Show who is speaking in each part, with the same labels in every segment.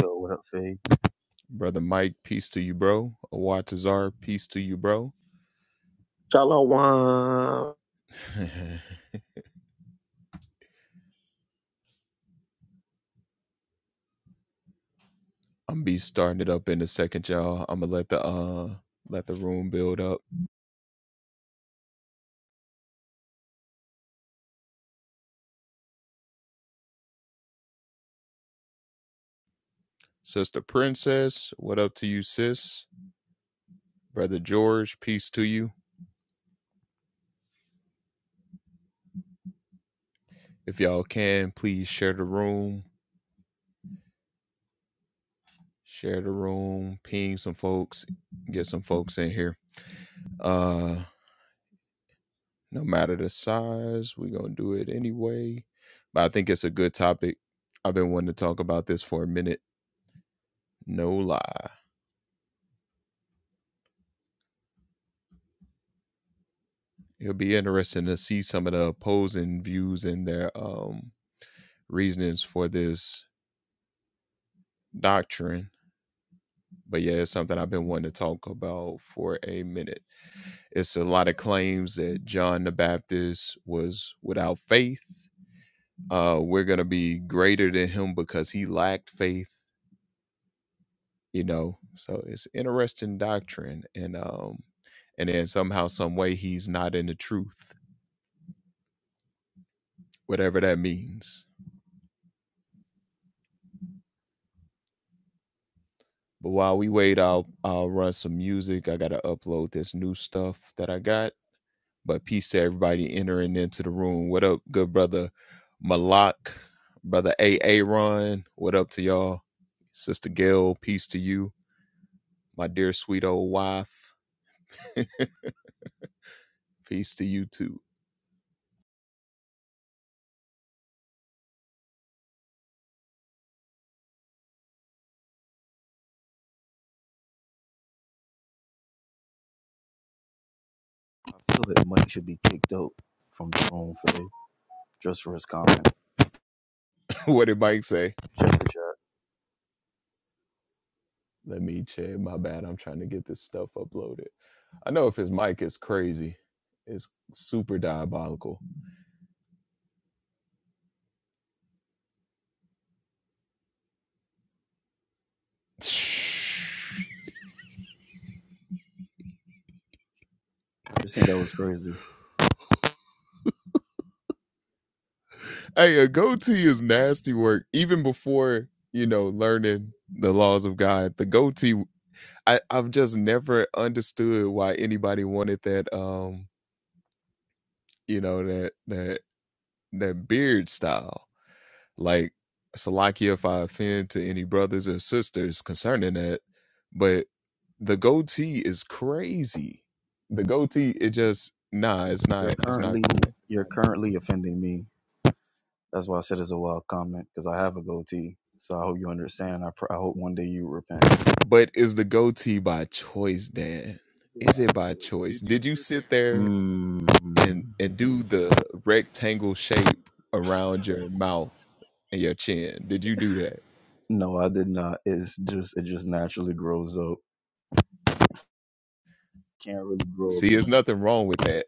Speaker 1: Yo, what up, Faye?
Speaker 2: Shalom.
Speaker 1: I feel that Mike should be kicked out from the room, Faye, just for his comment. Just for sure. Just think that was crazy. Currently, you're currently offending me. That's why I said it's a wild comment, because I have a goatee. So I hope you understand. I, pr- I hope one day you repent. Mm, no, I did not. It's just it just naturally grows up. Can't really grow.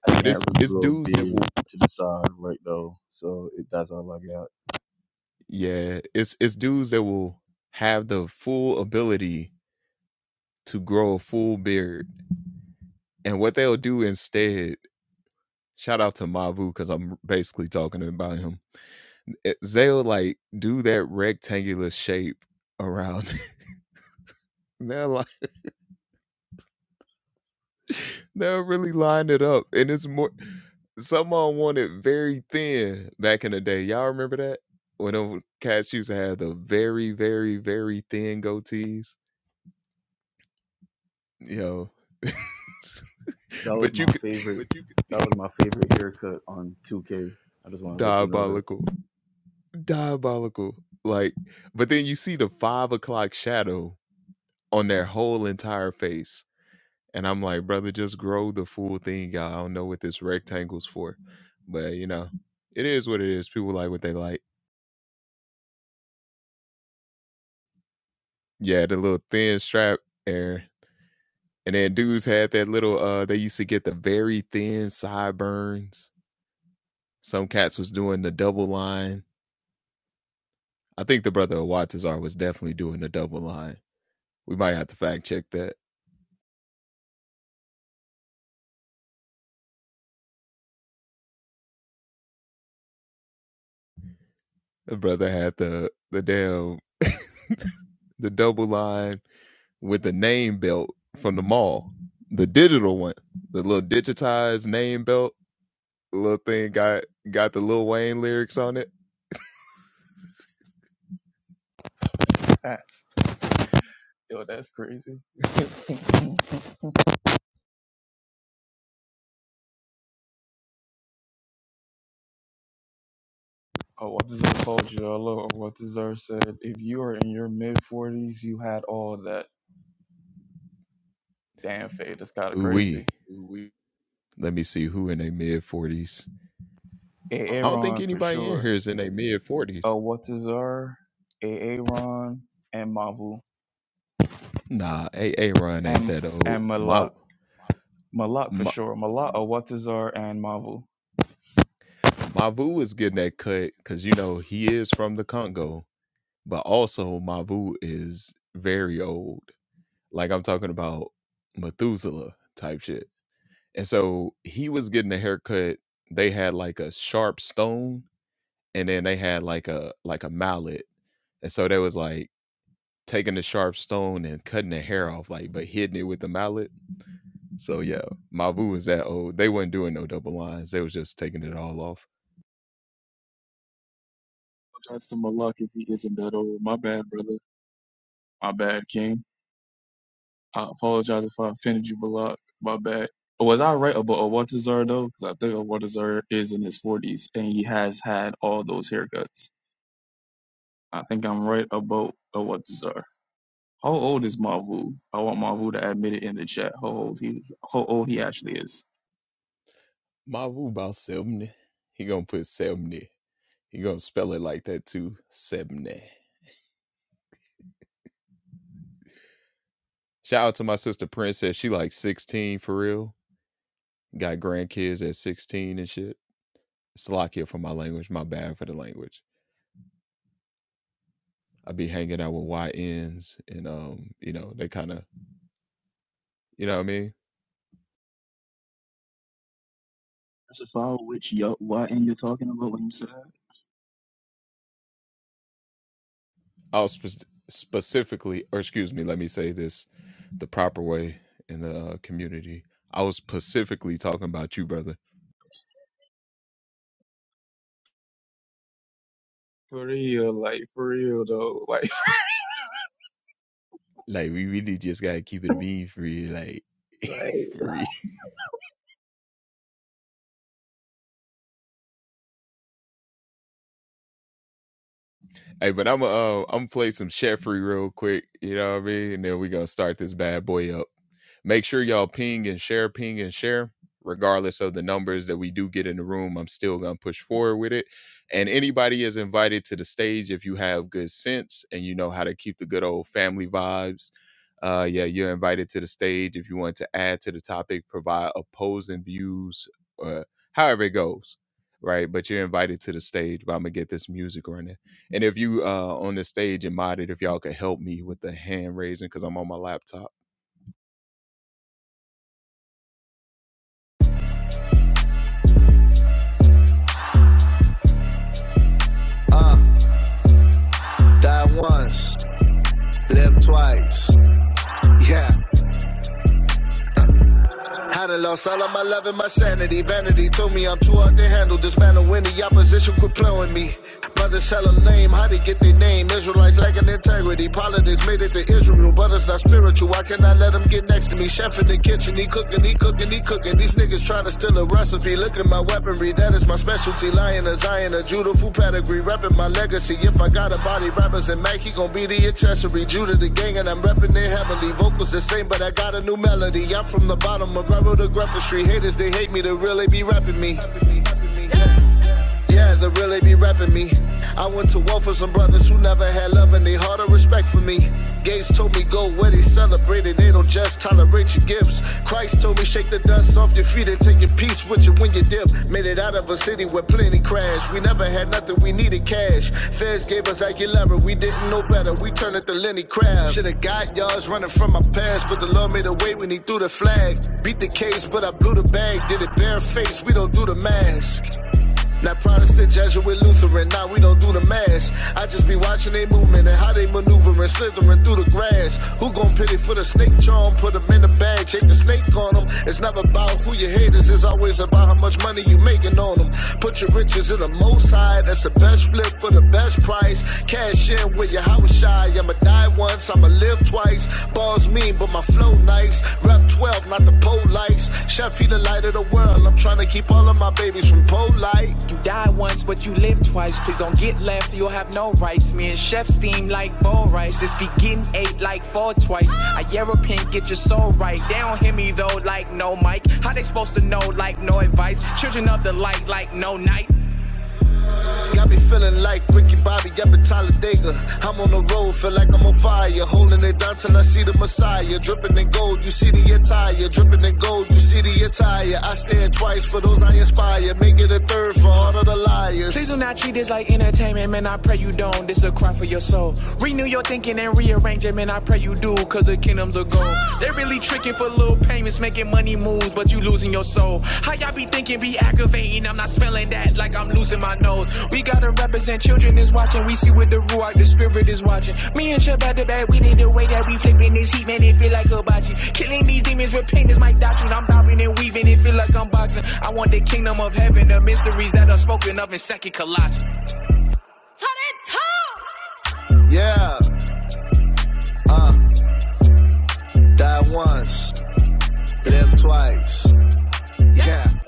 Speaker 1: I can't really grow a beard to the side right though. So it, that's all I got. That was my favorite. That was my favorite haircut on 2K. I just want to let you know that. Mid forties, you had all that damn fade. That's kind of crazy. A Aaron for sure. Uh, what's his R? A Aaron and Mavu and and Malak. Malak for sure. Malak, uh, what's his R and Mavu. That's to Malak if he isn't that old. My bad, brother. My bad, King. I apologize if I offended you, Balak. My bad. Was I right about Awatazar though? Because I think Awatazar is in his forties and he has had all those haircuts. I think I'm right about Awatazar. How old is Mavu? I want Mavu to admit it in the chat. How old he? How old he actually is? That's a file which yo what and you're talking about when you said that? For real, like for real though, like like.
Speaker 3: Uh, died once, lived twice. Yeah. Had it lost all of my love and my sanity. Vanity told me I'm too hard to handle. This Dismantle the opposition, quit playing me. Brothers hella lame, how they get their name? Israelites lacking integrity. Politics made it to Israel, but it's not spiritual. I cannot let them get next to me. Chef in the kitchen, he cooking, he cooking, he cooking. These niggas try to gotta steal a recipe. Look at my weaponry, that is my specialty. Lion a Zion, a Judaful pedigree, reppin' my legacy. If I got a body rappers, then Mac, he gon' be the accessory. Judah the gang, and I'm reppin' it heavily. Vocals the same, but I got a new melody. I'm from the bottom a rebel to grepper street. Haters, they hate me, they really be rapping me. Yeah, they really be rapping me. I went to war for some brothers who never had love and they hard or respect for me. Gates told me go where they celebrated, they don't just tolerate your gifts. Christ told me shake the dust off your feet and take your peace with you when you dip. Made it out of a city where plenty crashed. We never had nothing, we needed cash. Feds gave us Aguilera, we didn't know better. We turned it to Lenny Crab. Should've got yards running from my past, but the Lord made a way when he threw the flag. Beat the case, but I blew the bag. Did it barefaced, we don't do the mask. Now Protestant, Jesuit, Lutheran, now we don't do the mass. I just be watching they movement and how they maneuvering, slithering through the grass. Who gon' pity for the snake charm? Put 'em in the bag, shake the snake on 'em. It's never about who your haters, it's always about how much money you making on 'em. Put your riches in the most high, that's the best flip for the best price. Cash in with your house shy, I'ma die once, I'ma live twice. Born bars mean, but my flow nice. Rap 12, not the polites. Chef, you the light of the world. I'm trying to keep all of my babies from polite. You die once, but you live twice. Please don't get left, you'll have no rights. Me and Chef steam like bowl rice. This be getting ate like four twice. I European, get your soul right. They don't hear me though, like no mic. How they supposed to know, like no advice? Children of the light, like no night. Lately, I be feeling like Ricky Bobby up in Talladega. I'm on the road, feel like I'm on fire. Holding it down till I see the Messiah. Dripping in gold, you see the attire. Dripping in gold, you see the attire. I said twice for those I inspire. Make it a third for all of the liars. Please do not treat this like entertainment, man. I pray you don't. This a cry for your soul. Renew your thinking and rearrange it, man. I pray you do, cause the kingdom's are goal. They really Tricking for little payments, making money moves, but you losing your soul. How y'all be thinking, be aggravating? I'm not spelling that like I'm losing my nose. We gotta represent children is watching. We see with the ruach, the spirit is watching. Me and Shabbat the bad, we did the way that we flipping this heat, man. It feel like a bocce. Killing these demons with pain is my doctrine. I'm bobbing and weaving, it feel like I'm boxing. I want the kingdom of heaven, the mysteries that are spoken of in Second Colossians. Yeah, uh, die once, live twice. Yeah.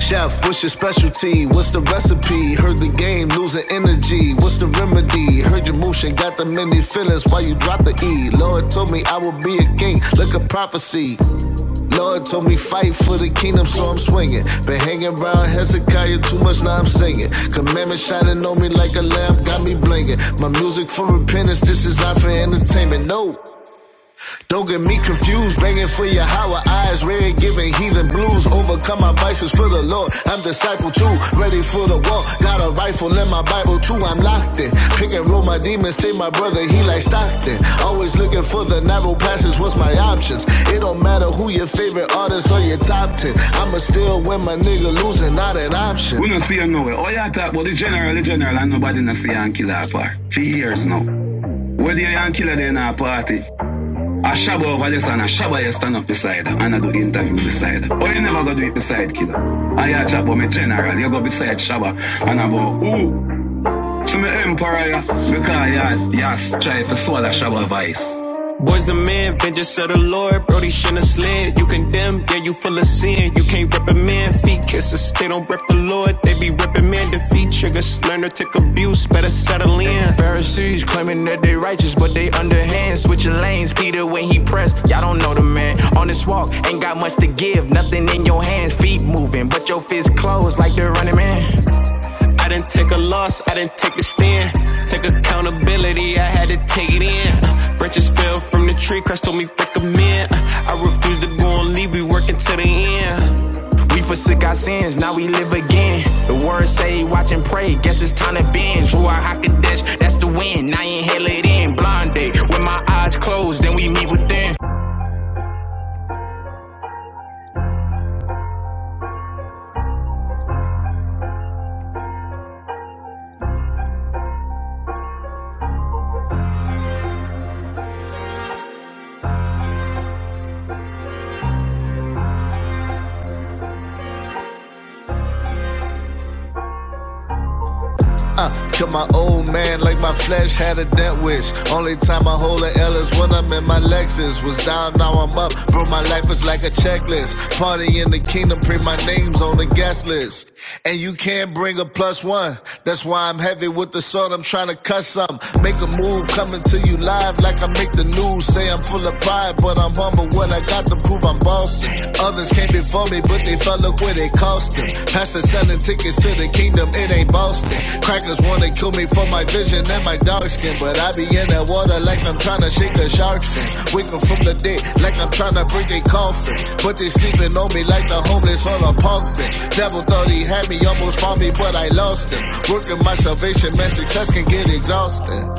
Speaker 3: Chef, what's your specialty? What's the recipe? Heard the game losing energy. What's the remedy? Heard your motion got the many feelings Why you drop the E. Lord told me I would be a king. Look a prophecy. Lord told me fight for the kingdom, so I'm swinging. Been hanging around Hezekiah too much, now I'm singing. Commandment shining on me like a lamp, got me blinging. My music for repentance, this is not for entertainment. No. Don't get me confused, begging for your Yahweh. Eyes red, giving heathen blues. Overcome my vices for the Lord. I'm disciple too, ready for the war. Got a rifle in my Bible too, I'm locked in. Pick and roll my demons, take my brother, he like Stockton. Always looking for the narrow passage, what's my options? It don't matter who your favorite artist or your top 10. I'ma still win my nigga losing, not an option. We don't see her nowhere. All you talk about the general, the general, and nobody not see her and kill her part. For years now. Where the young killer there in our party? A Ashaba of Alexander, shaba. you stand up beside her and I do interview beside her. Oh, you never gonna do it beside killer. I ya shaba but me general, you go beside Shaba and about who to me emperor, yeah. because yeah, yeah, strive for soul shower vice. Boys the man, vengeance of the Lord, Brody shouldn't have slid. You condemn, yeah, you full of sin. You can't rep a man, feet kisses, they don't rep the Lord. They be reprimanding, feet triggers, learn to take abuse, better settle in. Pharisees claiming that they righteous, but they underhand. Switching lanes, Peter when he pressed, y'all don't know the man. On this walk, ain't got much to give, nothing in your hands. Feet moving, but your fists closed like they're running man. I didn't take a loss, I didn't take the stand. Take accountability, I had to take it in. Uh, branches fell from the tree, Christ told me recommend. Uh, I refuse to go and leave, we working till the end. We forsook our sins, now we live again. The word say, watch and pray, guess it's time to bend. Drew our Hakadesh, that's the wind. now inhale it in. Blonde day, with my eyes closed, then we meet within. Uh, killed my old man like my flesh had a death wish. Only time I hold a L is when I'm in my Lexus. Was down, now I'm up. Bro, my life is like a checklist. Party in the kingdom, print my name's on the guest list. And you can't bring a plus one. That's why I'm heavy with the sword. I'm trying to cut something. Make a move coming to you live like I make the news. Say I'm full of pride, but I'm humble. What I got to prove, I'm bossing. Others came before me, but they fell up when it cost them. Pastor selling tickets to the kingdom, it ain't Boston. Crackers wanna kill me for my vision and my dark skin, but I be in that water like I'm trying to shake the shark fin. Wake 'em from the dead like I'm trying to break a coffin. But they sleeping on me like the homeless on a park bench. Devil thought he had me, almost found me, but I lost him. Working my salvation, man, success can get exhausted.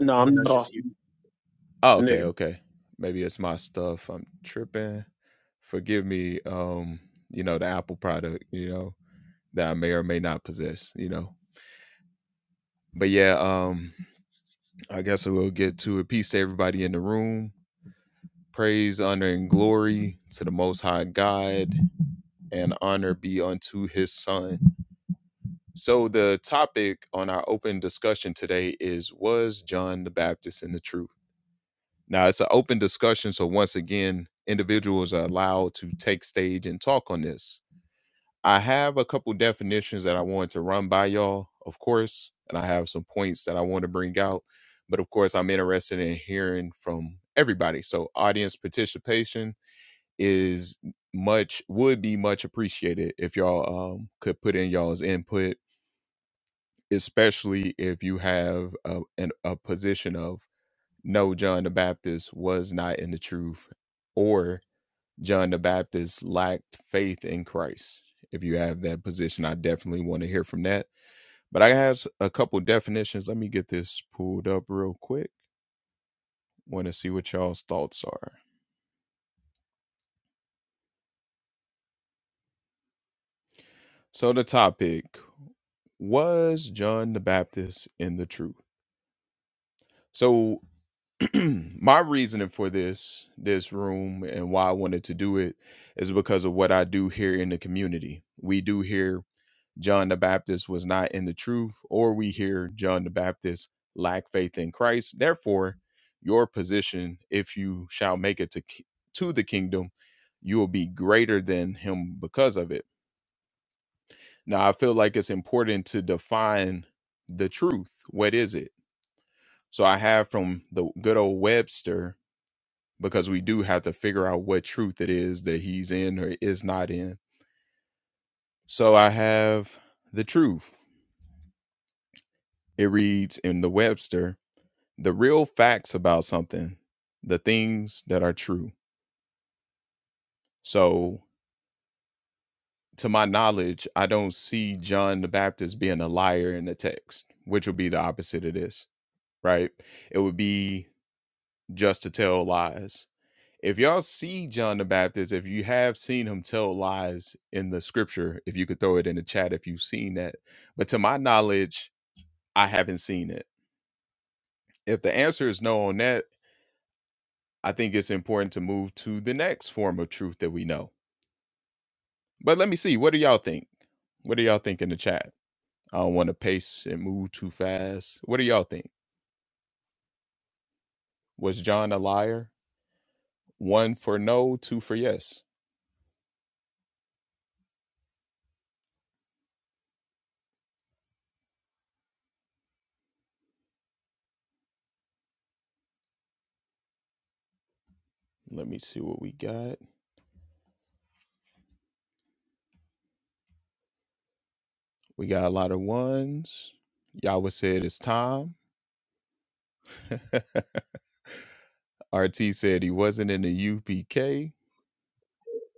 Speaker 2: No,
Speaker 1: I
Speaker 2: I'm
Speaker 1: think
Speaker 2: not
Speaker 1: that's
Speaker 2: off,
Speaker 1: just
Speaker 2: nigga.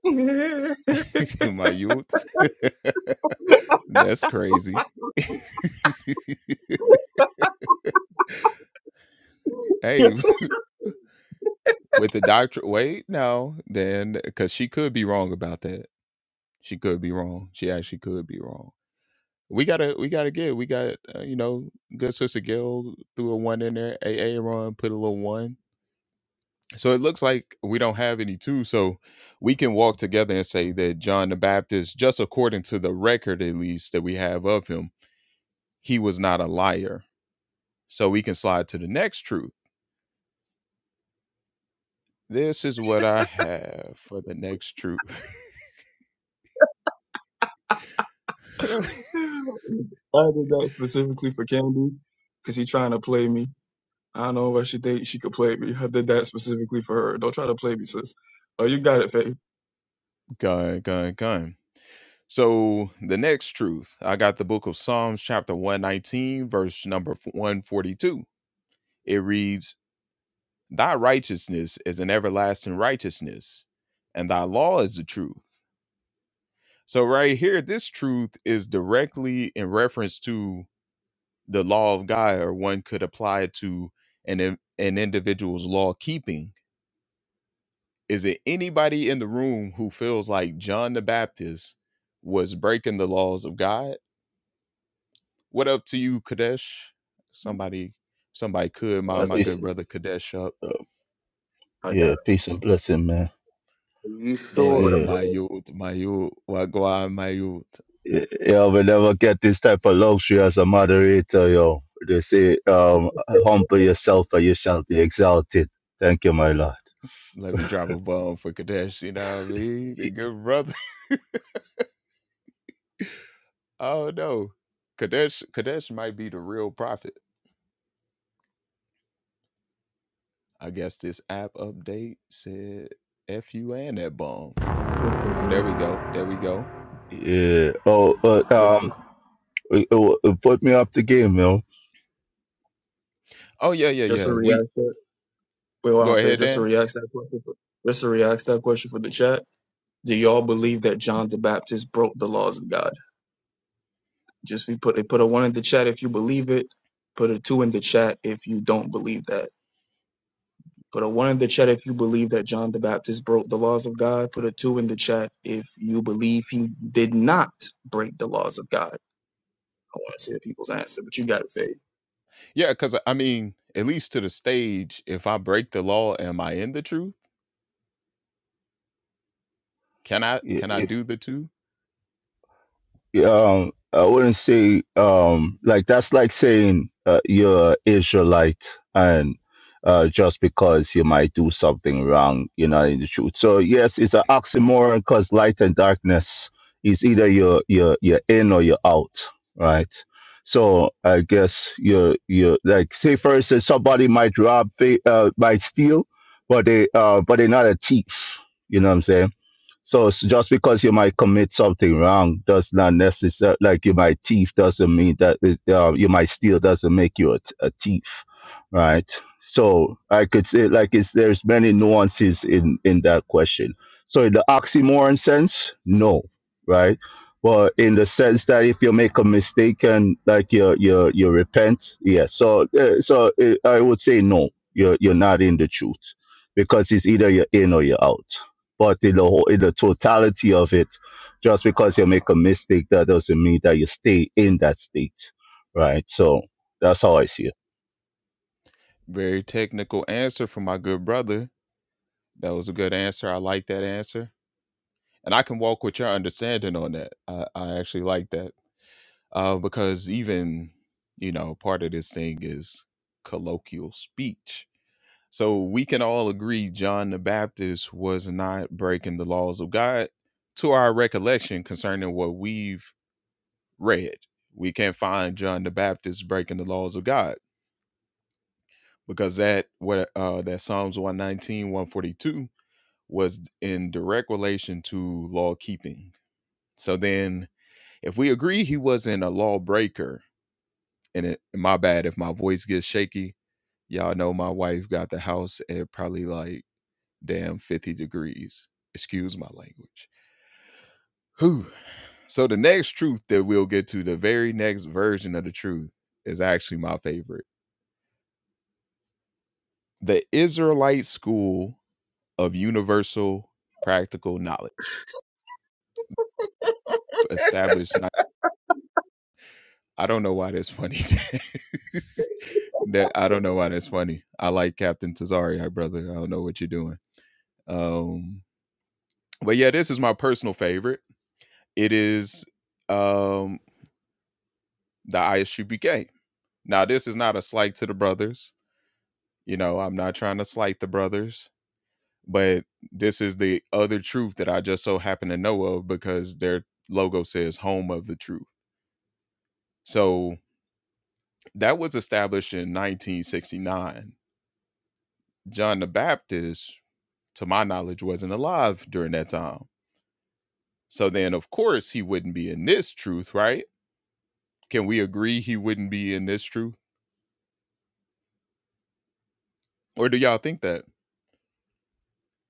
Speaker 1: you. I did that specifically for Candy because he trying to play me. I don't know why she think she could play me. I did that specifically for her. Don't try to play me, sis. Oh, you got it, Faith.
Speaker 4: Oh
Speaker 1: That's a good
Speaker 4: peace.
Speaker 1: one.
Speaker 4: Uh,
Speaker 1: I got
Speaker 4: yeah,
Speaker 1: it.
Speaker 4: peace and blessing, man.
Speaker 2: Are you
Speaker 1: Hey, what up,
Speaker 2: sure?
Speaker 4: Yeah.
Speaker 1: what up?
Speaker 4: Yeah, yeah, we never get this type of luxury as a moderator, yo. They say, um, humble yourself and you shall be exalted. Thank you, my lord.
Speaker 1: Just a react.
Speaker 4: Yeah. Oh, but,
Speaker 1: Just a,
Speaker 4: um, it- it- it put me up the game,
Speaker 1: just a reaction. Wait, hold on, Faith. Just a react to that question. For, just a react to that question for the chat. Do y'all believe that John the Baptist broke the laws of God? Just we put they put a one in the chat if you believe it. Put a two in the chat if you don't believe that. Put a one in the chat if you believe that John the Baptist broke the laws of God. Put a two in the chat if you believe he did not break the laws of God. I want to see the people's answer, but you got it, Faith.
Speaker 4: yo. um, I wouldn't say um, like that's like saying uh, you're Israelite and uh, just because you might do something wrong, you're not in the truth. So yes, it's an oxymoron because light and darkness is either you're you're you're in or you're out, right? So I guess you're you're like say for instance somebody might rob, fa- uh, might steal, but they uh, but they're not a thief. You know what I'm saying? So s- just because you might commit something wrong does not necessarily like you might thief doesn't mean that it, uh, you might steal doesn't make you a, t- a thief, right? So I could say like it's there's many nuances in in that question. So in the oxymoron sense, no, right? But in the sense that if you make a mistake and like you you you repent, yeah. So uh, so uh, I would say no, you're you're not in the truth because it's either you're in or you're out but in the whole, in the totality of it, just because you make a mistake, that doesn't mean that you stay in that state, right? So that's how I see it.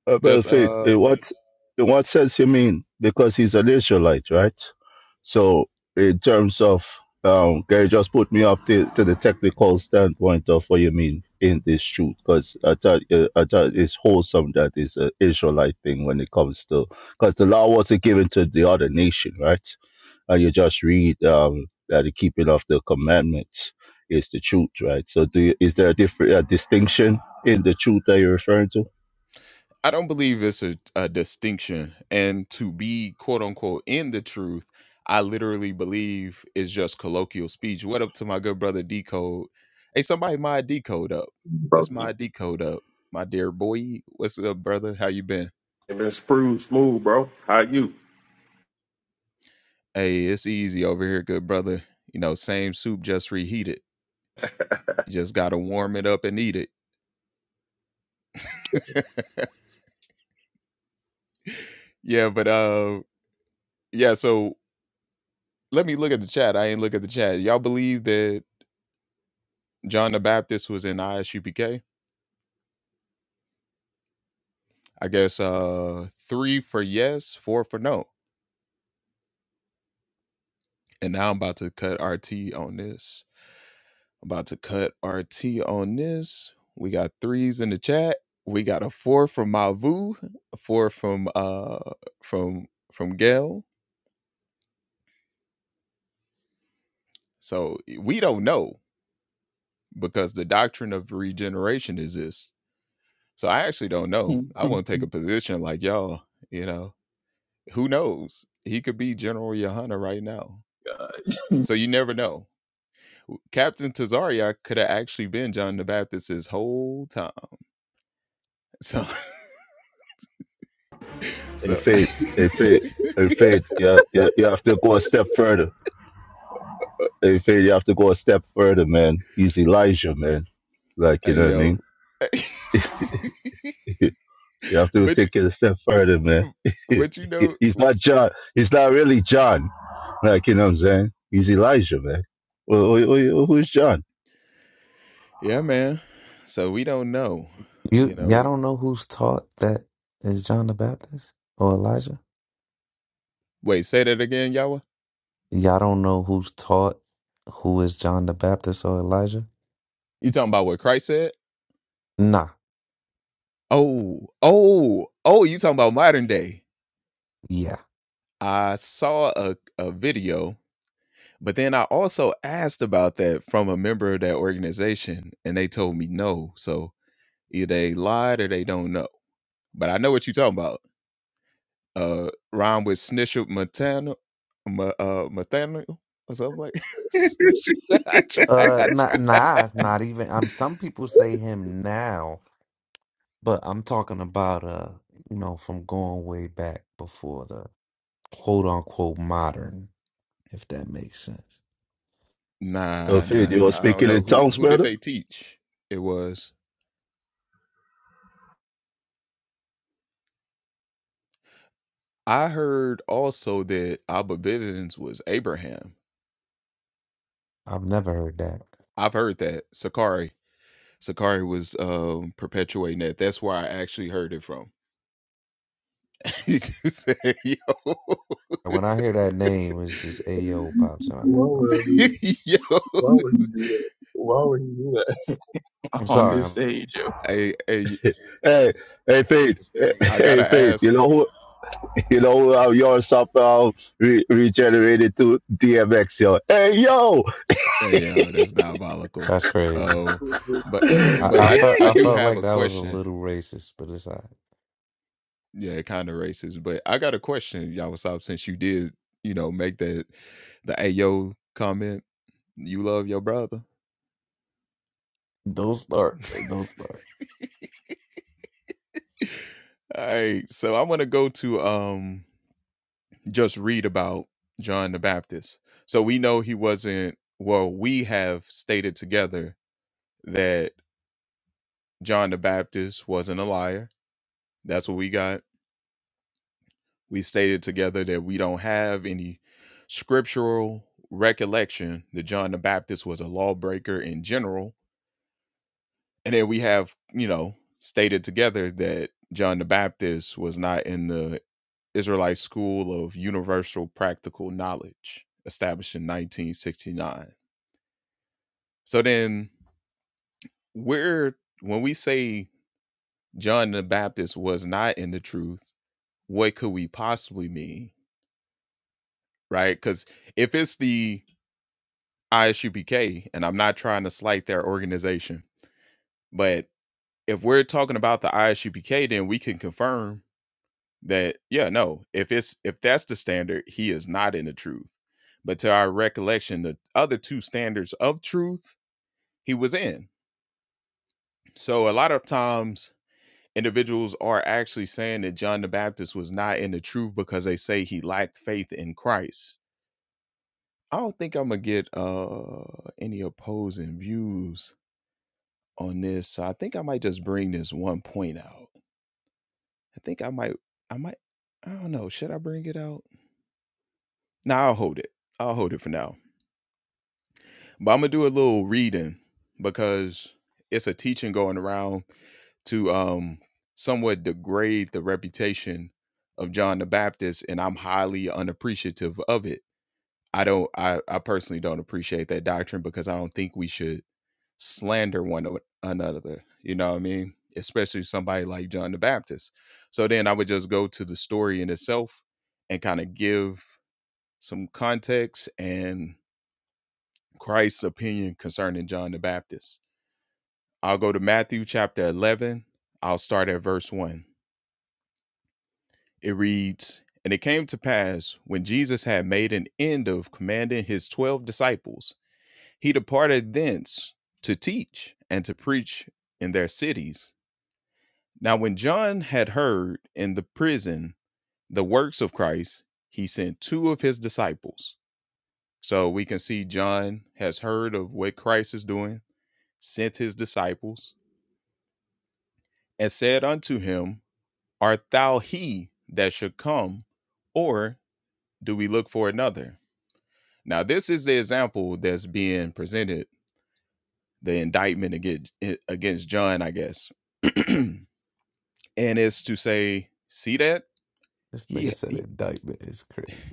Speaker 4: Uh, well, Faith, in what in what sense you mean? Because he's an Israelite, right? So in terms of um, can you just put me up to, to the technical standpoint of what you mean in this shoot? Because I thought uh, I thought it's wholesome that it's an Israelite thing when it comes to because the law wasn't given to the other nation, right? uh, you just read um, that the keeping of the commandments is the truth, right? So, do you, is there a different a distinction in the truth that you're referring to?
Speaker 5: bro. It been smooth, smooth, bro. How you?
Speaker 1: God.
Speaker 4: In faith, in faith, in faith, yeah, you, you have to go a step further. In faith, you have to go a step further, man. He's Elijah, man. Like you know what I mean? you have to take it a step further, man. he's not John. He's not really John. Like you know what I'm saying? He's Elijah, man. Who- who- who- Who's John?
Speaker 6: You y'all don't know who's taught that is John the Baptist or Elijah? Y'all don't know who's taught who is John the Baptist or Elijah? Nah. Yeah. Uh nah nah, it's not even um some people say him now, but I'm talking about uh you know from going way back before the quote unquote modern, if that makes sense.
Speaker 4: Yo, Faith, you were speaking in tongues, brother?
Speaker 6: I've never heard that. When I hear that name, it's just Ayo pops in my
Speaker 1: Why
Speaker 6: head. My
Speaker 1: would I
Speaker 6: bad.
Speaker 1: do that? Why would he do that? Why would he do that
Speaker 6: I'm
Speaker 1: on
Speaker 6: sorry,
Speaker 1: this
Speaker 6: I'm,
Speaker 1: stage, yo?
Speaker 4: Hey, hey, Faith, hey, hey, Faith. You know who? You know who? Uh, your somehow re- regenerated to DMX, yo. Hey, yo.
Speaker 6: that's crazy.
Speaker 2: Boo, boo,
Speaker 6: I,
Speaker 2: boo.
Speaker 6: I felt I felt like that was a little racist, but it's all right. Don't start. Don't start. This nigga said indictment is crazy.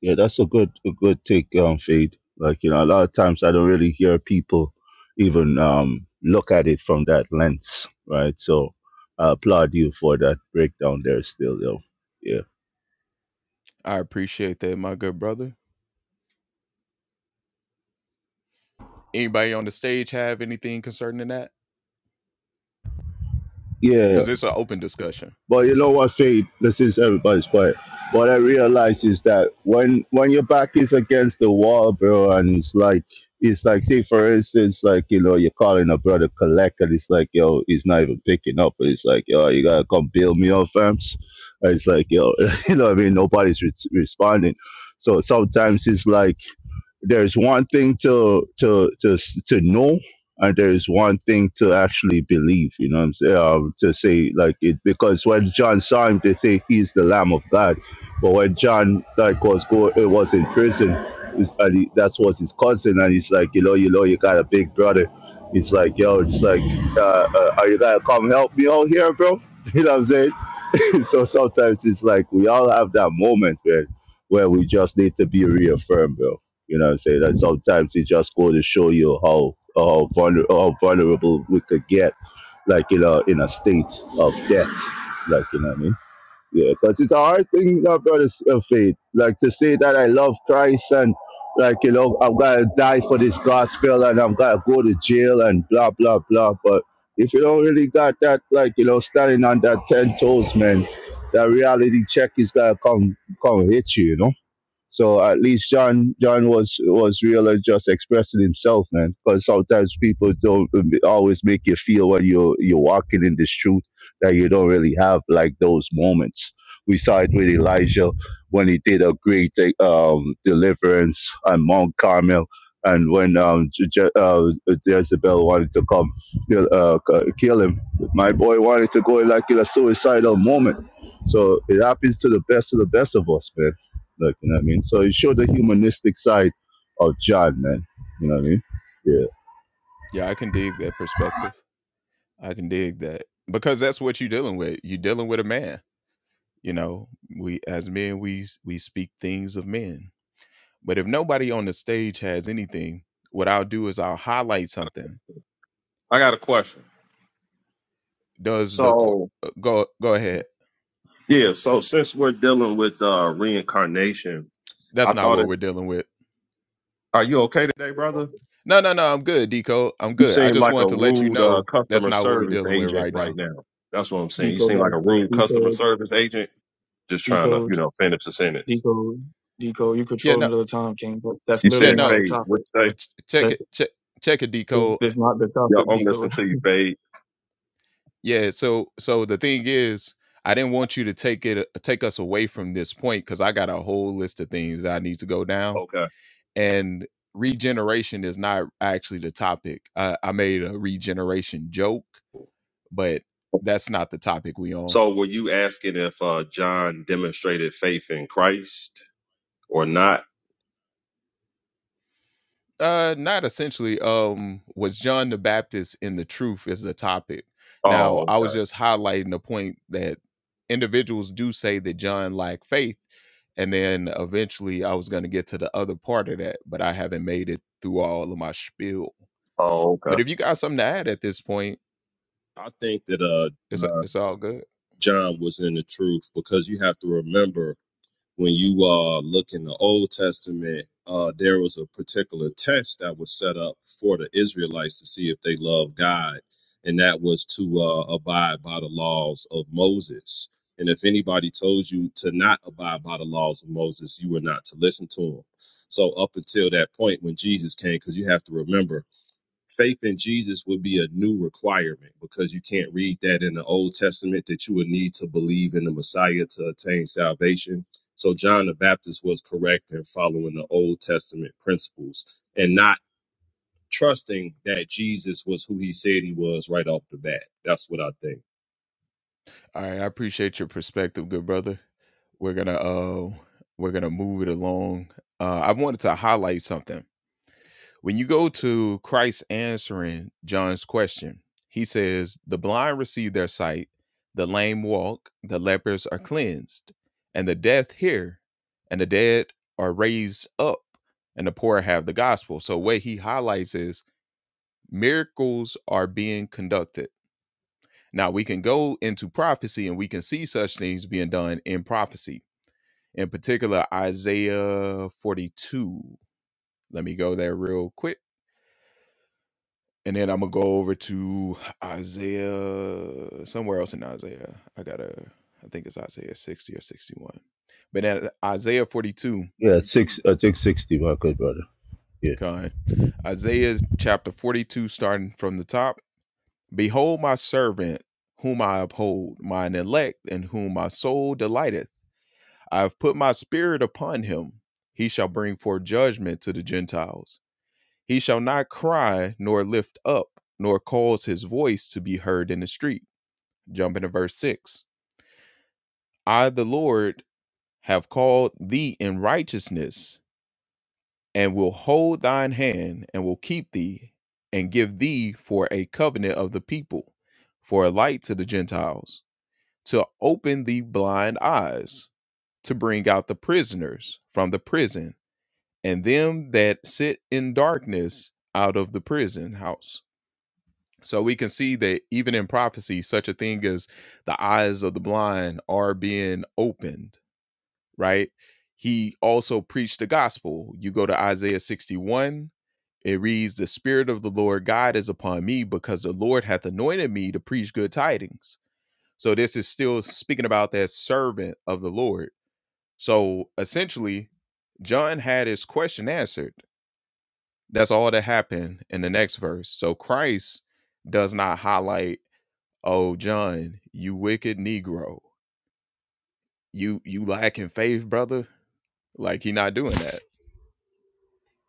Speaker 4: yeah, that's a good, a good take, um, Fade. Like you know, a lot of times I don't really hear people even um look at it from that lens, right? So I applaud you for that breakdown there, still, yo. Yeah. Yeah, but you know what, Faith? This is everybody's point. What I realize is that when when your back is against the wall, bro, and it's like it's like, say for instance, like you know, you're calling a brother collect, and it's like, yo, he's not even picking up. It's like, yo, you gotta come bail me out, fam. And It's like, yo, you know, what I mean, nobody's re- responding. So sometimes it's like there's one thing to to to s- to know and there's one thing to actually believe you know what i'm saying um, to say like it because when john saw him they say he's the lamb of god but when john like was go it was in prison it's- and he, that was his cousin and he's like you know you know you got a big brother he's like yo it's like uh, uh are you gonna come help me out here bro you know what i'm saying so sometimes it's like we all have that moment where where we just need to be reaffirmed, bro. You know what I'm saying? That sometimes it's just go to show you how how, vulner- how vulnerable we could get, like you know, in a state of debt. Like you know what I mean? Yeah, because it's a hard thing, you know, brothers of faith. Like to say that I love Christ and like you know I'm gonna die for this gospel and I'm gonna go to jail and blah blah blah. But if you don't really got that, like you know, standing on that ten toes, man, that reality check is gonna come come hit you, you know. So at least John John was was real and just expressing himself, man. Because sometimes people don't always make you feel when you're you're walking in this truth that you don't really have like those moments. We saw it with Elijah when he did a great um, deliverance on Mount Carmel, and when um, Je- uh, Jezebel wanted to come kill, uh, c- kill him, my boy wanted to go like in a suicidal moment. So it happens to the best of the best of us, man Look, you know what I mean? So it showed the humanistic side of John, man. You know what I mean? Yeah.
Speaker 5: I got a question. So yeah, so since we're dealing with uh reincarnation, I thought it. Are you okay today, brother? You seem like a rude uh, customer service agent right now. That's what I'm saying. You
Speaker 1: Decode
Speaker 5: seem like a
Speaker 1: that.
Speaker 5: rude customer
Speaker 1: Decode.
Speaker 5: service agent, just trying to,
Speaker 1: Decode.
Speaker 5: you know, finish the sentence.
Speaker 1: Decode. Decode. You control another time, King, but that's
Speaker 5: You said
Speaker 1: literally not the
Speaker 5: Fade. What
Speaker 1: topic.
Speaker 5: you say?
Speaker 1: That is, that's not the topic,
Speaker 5: Yeah, I'm listening
Speaker 1: decode.
Speaker 5: to you, Fade. Okay. So were you asking if uh John demonstrated faith in Christ or not? Oh, okay. Oh, okay. I think that uh, uh John was in the truth because you have to remember when you uh look in the Old Testament, uh there was a particular test that was set up for the Israelites to see if they love God, and that was to uh abide by the laws of Moses. And if anybody told you to not abide by the laws of Moses, you were not to listen to them. So up until that point when Jesus came, because you have to remember faith in Jesus would be a new requirement because you can't read that in the Old Testament that you would need to believe in the Messiah to attain salvation. So John the Baptist was correct in following the Old Testament principles and not trusting that Jesus was who he said he was right off the bat. That's what I think.
Speaker 4: Yeah, six I think sixty, my good brother. Yeah.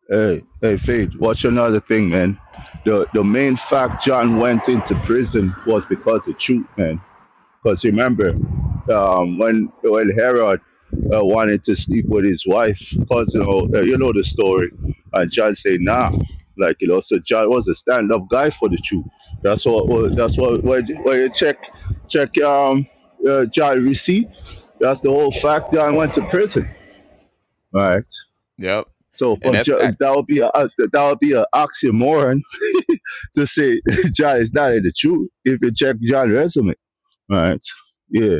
Speaker 4: Hey, hey Fade, watch another thing, man. The the main fact John went into prison was because of truth, man. Because remember, um, when when Herod uh, wanted to sleep with his wife, because you know uh, you know the story, and John said, "Nah." Like you know, so John was a stand-up guy for the truth. That's what. what- That's what. When, when you check check um uh, John receipt, that's the whole fact. John went to prison. Right. So for Jo- that would be a uh, that would be an oxymoron to say John is not in the truth if you check John's resume. Right. Yeah.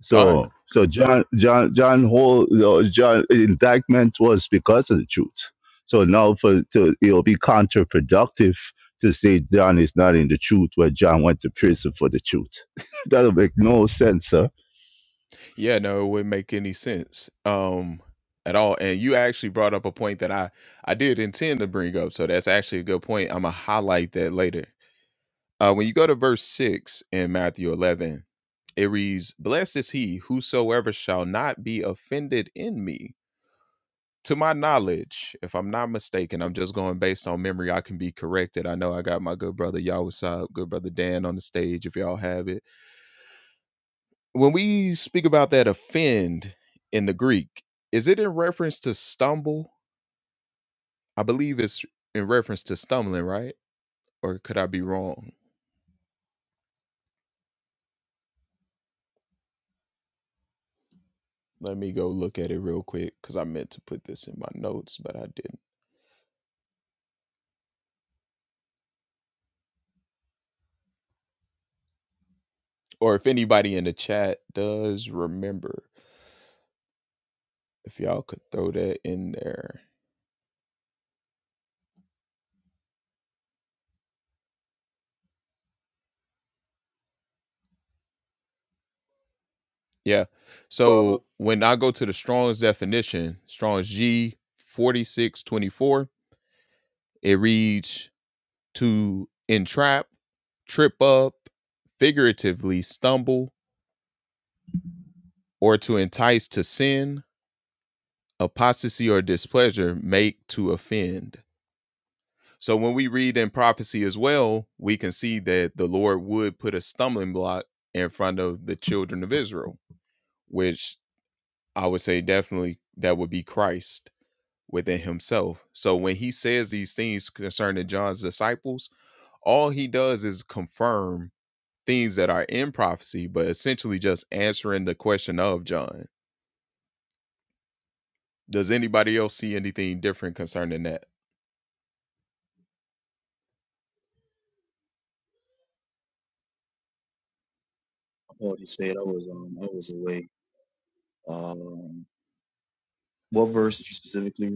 Speaker 4: So, so John, John, John, whole you know, John indictment was because of the truth. So now, for to, it'll be counterproductive to say John is not in the truth where John went to prison for the truth. That'll make no sense, sir.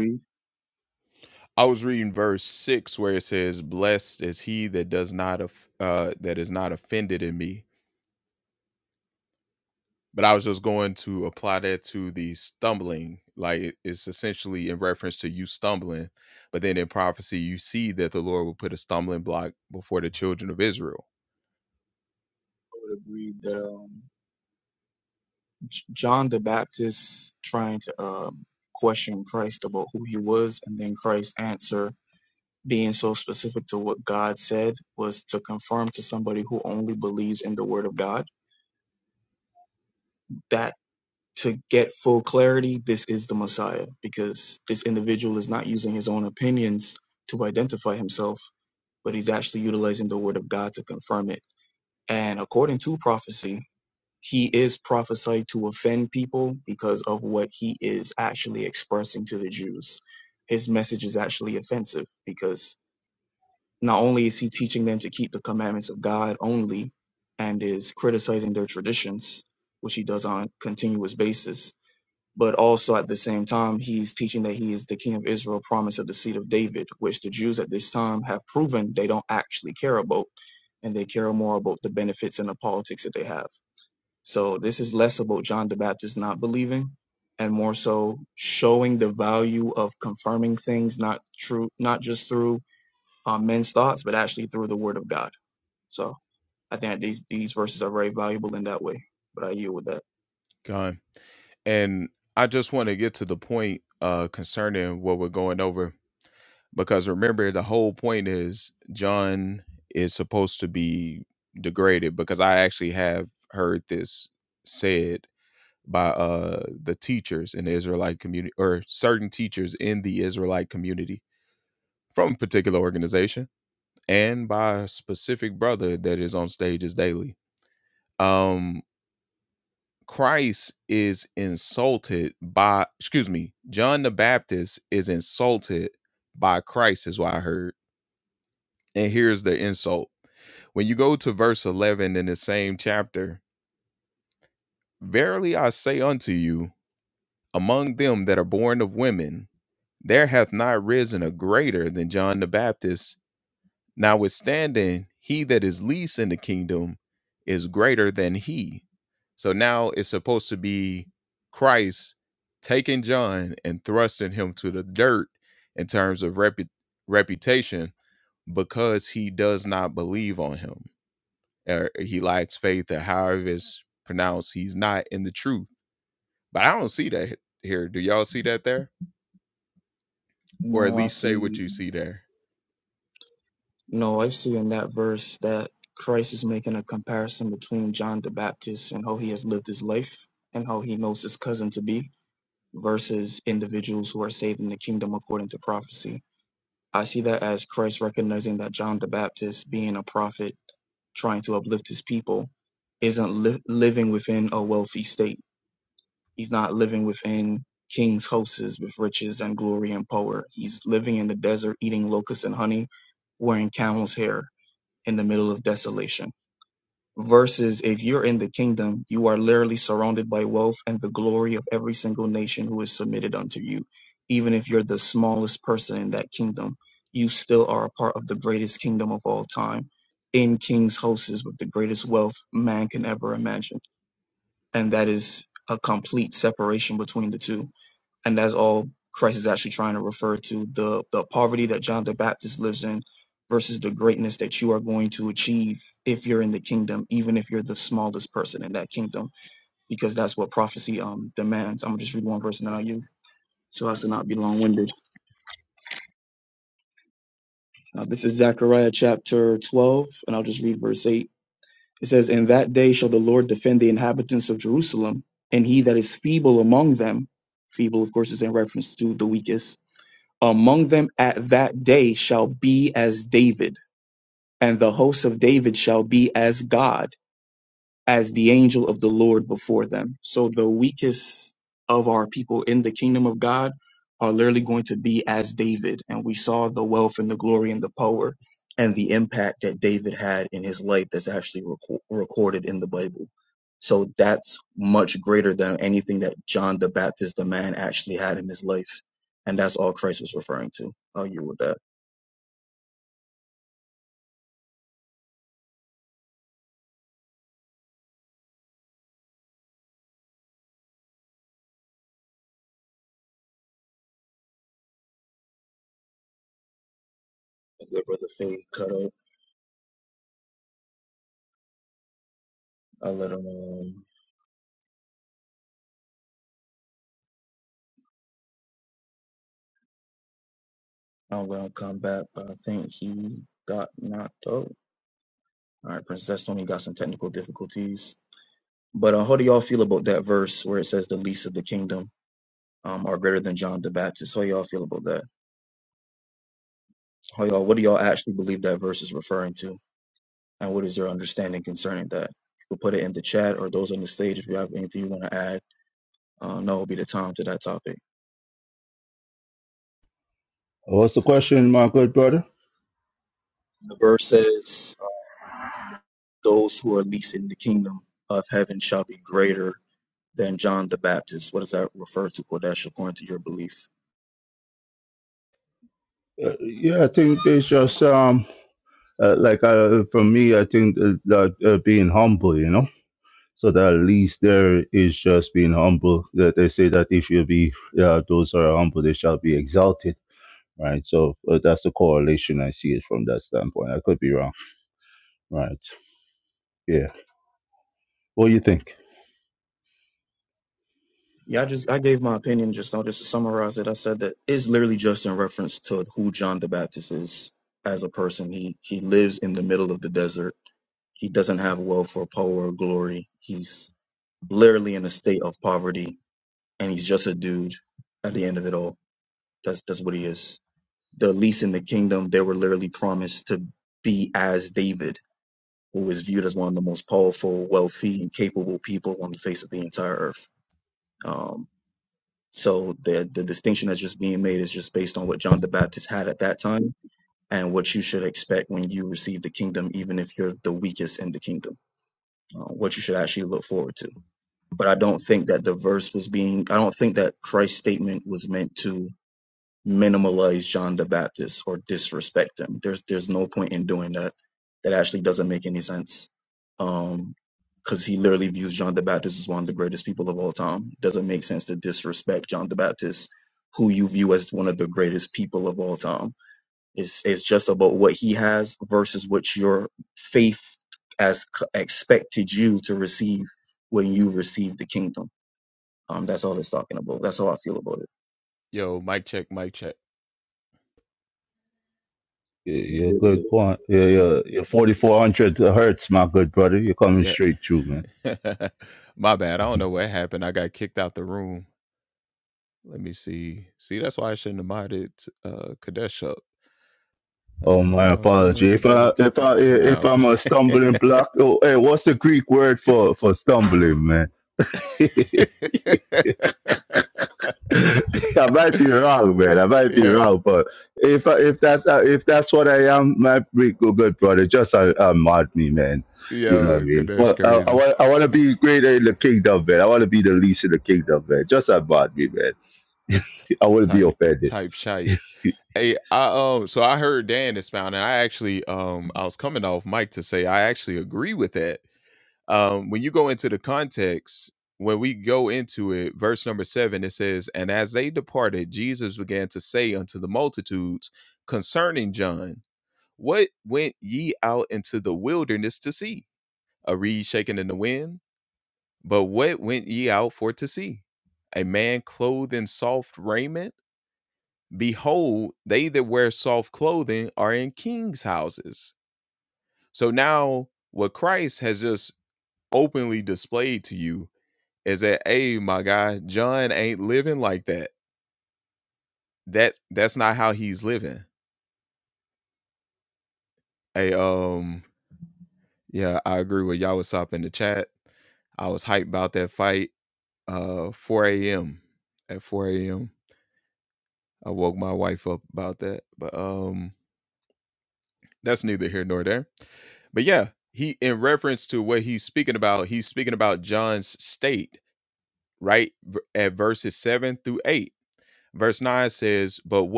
Speaker 1: I would agree that. Um, J- John the Baptist trying to um, question Christ about who he was, and then Christ's answer being so specific to what God said was to confirm to somebody who only believes in the Word of God that to get full clarity, this is the Messiah, because this individual is not using his own opinions to identify himself, but he's actually utilizing the Word of God to confirm it. And according to prophecy, he is prophesied to offend people because of what he is actually expressing to the Jews. His message is actually offensive because not only is he teaching them to keep the commandments of God only and is criticizing their traditions, which he does on a continuous basis, but also at the same time, he's teaching that he is the king of Israel, promise of the seed of David, which the Jews at this time have proven they don't actually care about, and they care more about the benefits and the politics that they have. So this is less about John the Baptist not believing and more so showing the value of confirming things not true not just through uh, men's thoughts but actually through the word of God. So I think that these these verses are very valuable in that way. But I yield with that. No, I see no, I see in that verse that Christ is making a comparison between John the Baptist and how he has lived his life and how he knows his cousin to be versus individuals who are saved in the kingdom according to prophecy I see that as Christ recognizing that John the Baptist, being a prophet, trying to uplift his people, isn't li- living within a wealthy state. He's not living within king's hosts with riches and glory and power. He's living in the desert, eating locusts and honey, wearing camel's hair in the middle of desolation versus if you're in the kingdom, you are literally surrounded by wealth and the glory of every single nation who is submitted unto you. Even if you're the smallest person in that kingdom, you still are a part of the greatest kingdom of all time in king's hosts with the greatest wealth man can ever imagine. And that is a complete separation between the two and that's all Christ is actually trying to refer to the the poverty that John the Baptist lives in versus the greatness that you are going to achieve if you're in the kingdom, even if you're the smallest person in that kingdom, because that's what prophecy um demands. I'm gonna just read one verse and then I'll you so as to not be long winded. Uh, this is Zechariah chapter 12, and I'll just read verse 8. It says, In that day shall the Lord defend the inhabitants of Jerusalem, and he that is feeble among them, feeble, of course, is in reference to the weakest among them at that day shall be as David, and the host of David shall be as God as the angel of the Lord before them. So the weakest of our people in the kingdom of God are literally going to be as David. And we saw the wealth and the glory and the power and the impact that David had in his life that's actually reco- recorded in the Bible. So that's much greater than anything that John the Baptist, the man, actually had in his life. And that's all Christ was referring to. I'll you with that. Good brother Faye cut up. I let him. I'm gonna come back, but I think he got knocked out. All right, Princess Tony got some technical difficulties, but uh, how do y'all feel about that? Um, how y'all feel about that? How y'all? What do y'all that verse is referring to, and what is your understanding concerning that? You can put it in the chat or those on the stage if you have anything you want to add. Uh, now will be the time to that topic.
Speaker 4: What's the question, my good brother?
Speaker 1: The verse says, uh, "Those who are least in the kingdom of heaven shall be greater than John the Baptist." What does that refer to, Kodesh, according to your belief?
Speaker 4: Uh, yeah, I think it's just um, uh, like uh, for me, I think that, that uh, being humble, you know. So that at least there is just being humble. That they say that if you be uh, those who are humble, they shall be exalted right? So uh, that's the correlation I see it from that standpoint. I could be wrong, right? Yeah. What do you think?
Speaker 1: Yeah, I just I gave my opinion just now. Just to summarize it, I said that it's literally just in reference to who John the Baptist is as a person. He he lives in the middle of the desert. He doesn't have wealth or power or glory. He's literally in a state of poverty, and he's just a dude. At the end of it all, that's that's what he is. The least in the kingdom, they were literally promised to be as David, who is viewed as one of the most powerful, wealthy, and capable people on the face of the entire earth. Um, So the the distinction that's just being made is just based on what John the Baptist had at that time and what you should expect when you receive the kingdom, even if you're the weakest in the kingdom, uh, what you should actually look forward to. But I don't think that the verse was being, I don't think that Christ's statement was meant to minimalize John the Baptist or disrespect him. There's there's no point in doing that. That actually doesn't make any sense. Um, because he literally views John the Baptist as one of the greatest people of all time. Doesn't make sense to disrespect John the Baptist who you view as one of the greatest people of all time. It's it's just about what he has versus what your faith as c- expected you to receive when you receive the kingdom. Um, that's all it's talking about. That's how I feel about
Speaker 4: Y- You're good
Speaker 1: it.
Speaker 4: point. Yeah, yeah. You're 4400 hertz, my good brother. You're coming straight through, man. Oh, my apology. If I if I if I'm a stumbling block, oh, hey, what's the Greek word for for stumbling, man? I might be wrong, man. I might be wrong, but if if that's uh, if that's what I am, my big good brother, just uh, uh, mod me, man. You know what I mean? Well, I, I want I want to be greater in the kingdom, man. I want to be the least in the kingdom, man. Just uh, mod me, man. I wouldn't be offended. yeah,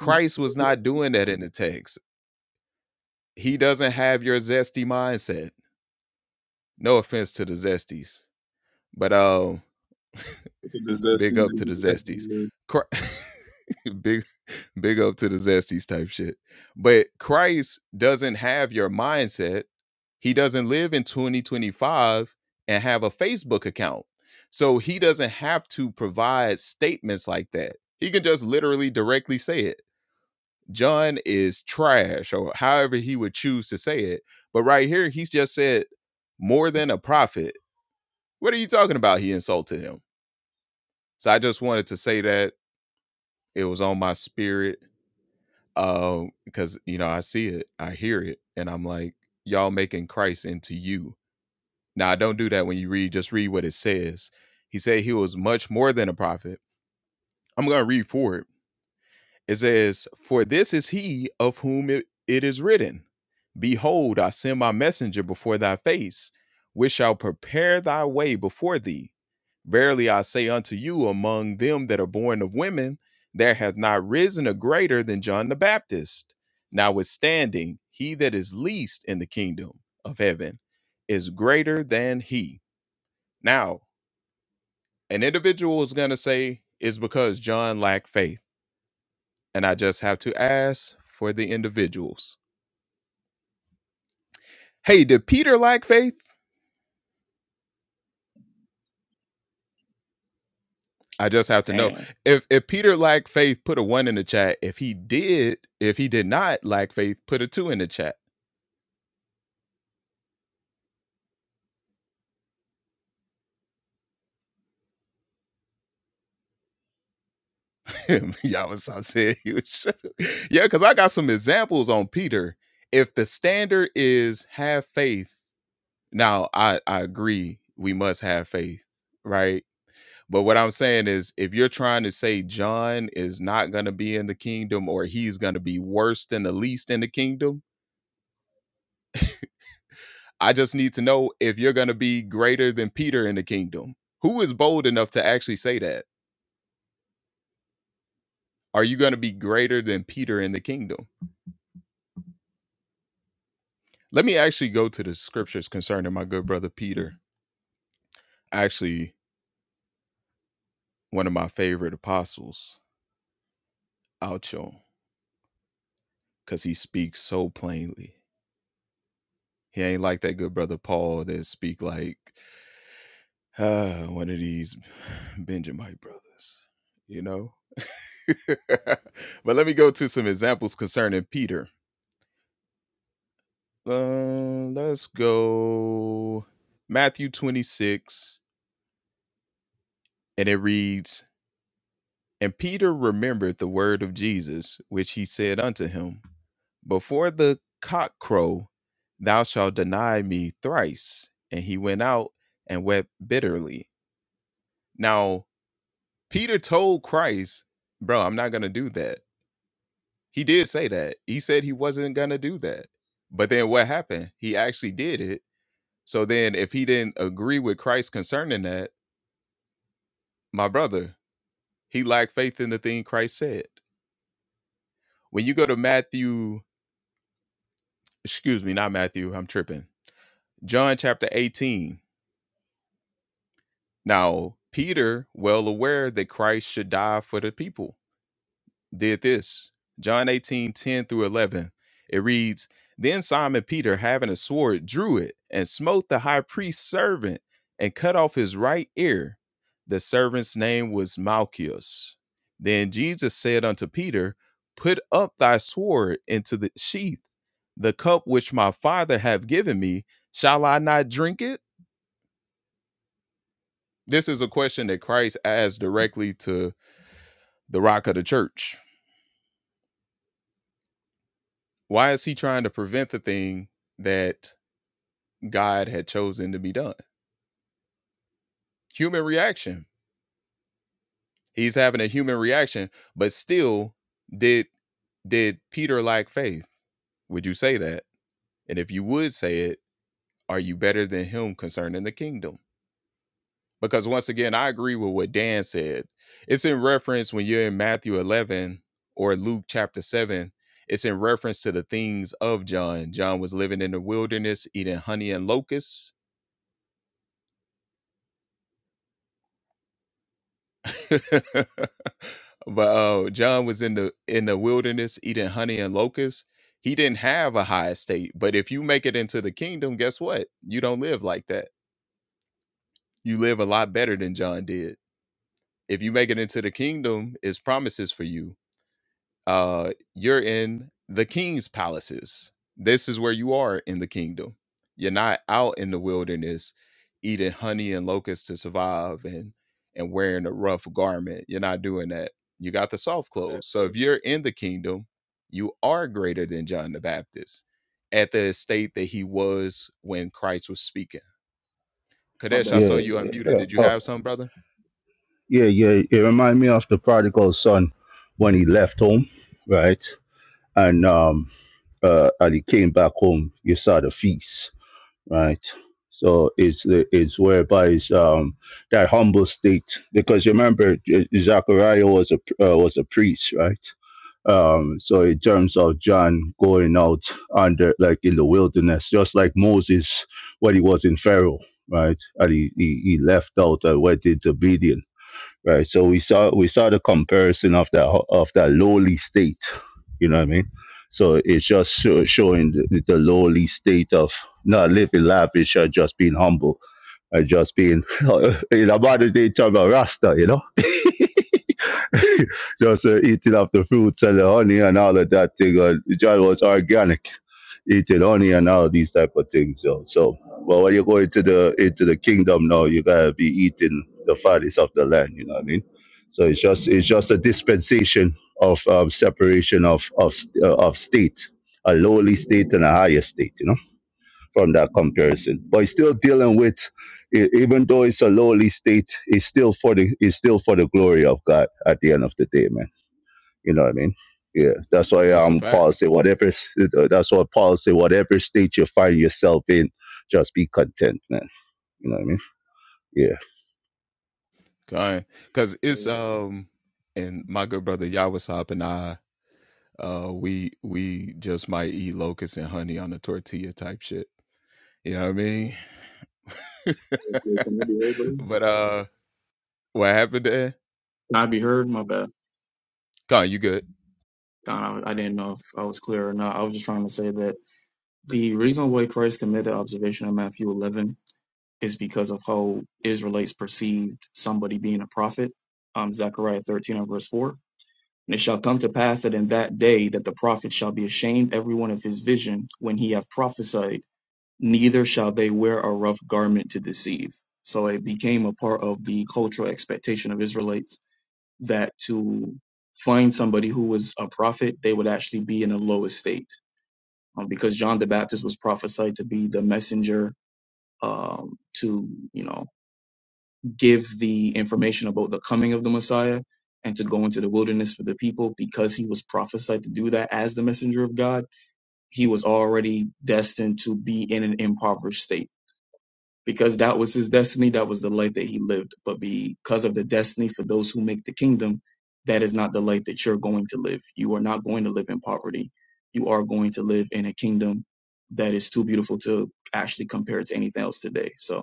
Speaker 1: Yeah. Damn, my bad, Faye.
Speaker 4: yeah, oh, yeah, yeah. It remind me of the prodigal son when he left home, right? and um, uh, and he came back home. You saw the feast, right? So it's it's whereby it's, um, that humble state because remember Z- Zachariah was a uh, was a priest, right? Um, so in terms of John going out under like in the wilderness, just like Moses when he was in Pharaoh, right? And he he, he left out and went into obedience right? So we saw we saw the comparison of that ho- of that lowly state. You know what I mean? So it's just sho- showing the, the lowly state of not living lavish or just being humble or just being in a modern day term a rasta. You know, just uh, eating up the fruits and the honey and all of that thing. Uh, John was organic. Italy and all these type of things, yo. So, but when you go into the into the kingdom now, you gotta be eating the fattest of the land. You know what I mean? So it's just it's just a dispensation of um, separation of of uh, of state, a lowly state and a higher state. You know, from that comparison, but it's still dealing with. e- Even though it's a lowly state, it's still for the it's still for the glory of God at the end of the day, man. You know what I mean? Yeah, that's why um Paul said whatever. s- uh, That's what Paul said. Whatever state you find yourself in, just be content, man. You know what I mean? Yeah.
Speaker 1: Can I be heard, buddy? Can I be heard? My bad. God, I I didn't know if I was clear or not. I was just trying to say that the reason why Christ committed observation in Matthew 11 is because of how Israelites perceived somebody being a prophet. Um, Zechariah 13 and verse 4. And it shall come to pass that in that day that the prophet shall be ashamed every one of his vision when he hath prophesied, neither shall they wear a rough garment to deceive. So it became a part of the cultural expectation of Israelites that to find somebody who was a prophet, they would actually be in a low estate. Um, because John the Baptist was prophesied to be the messenger um, to, you know, give the information about the coming of the Messiah and to go into the wilderness for the people because he was prophesied to do that as the messenger of God. He was already destined to be in an impoverished state because that was his destiny. That was the life that he lived. But because of the destiny for those who make the kingdom, that is not the life that you're going to live. You are not going to live in poverty. You are going to live in a kingdom that is too beautiful to actually compare to anything else today. So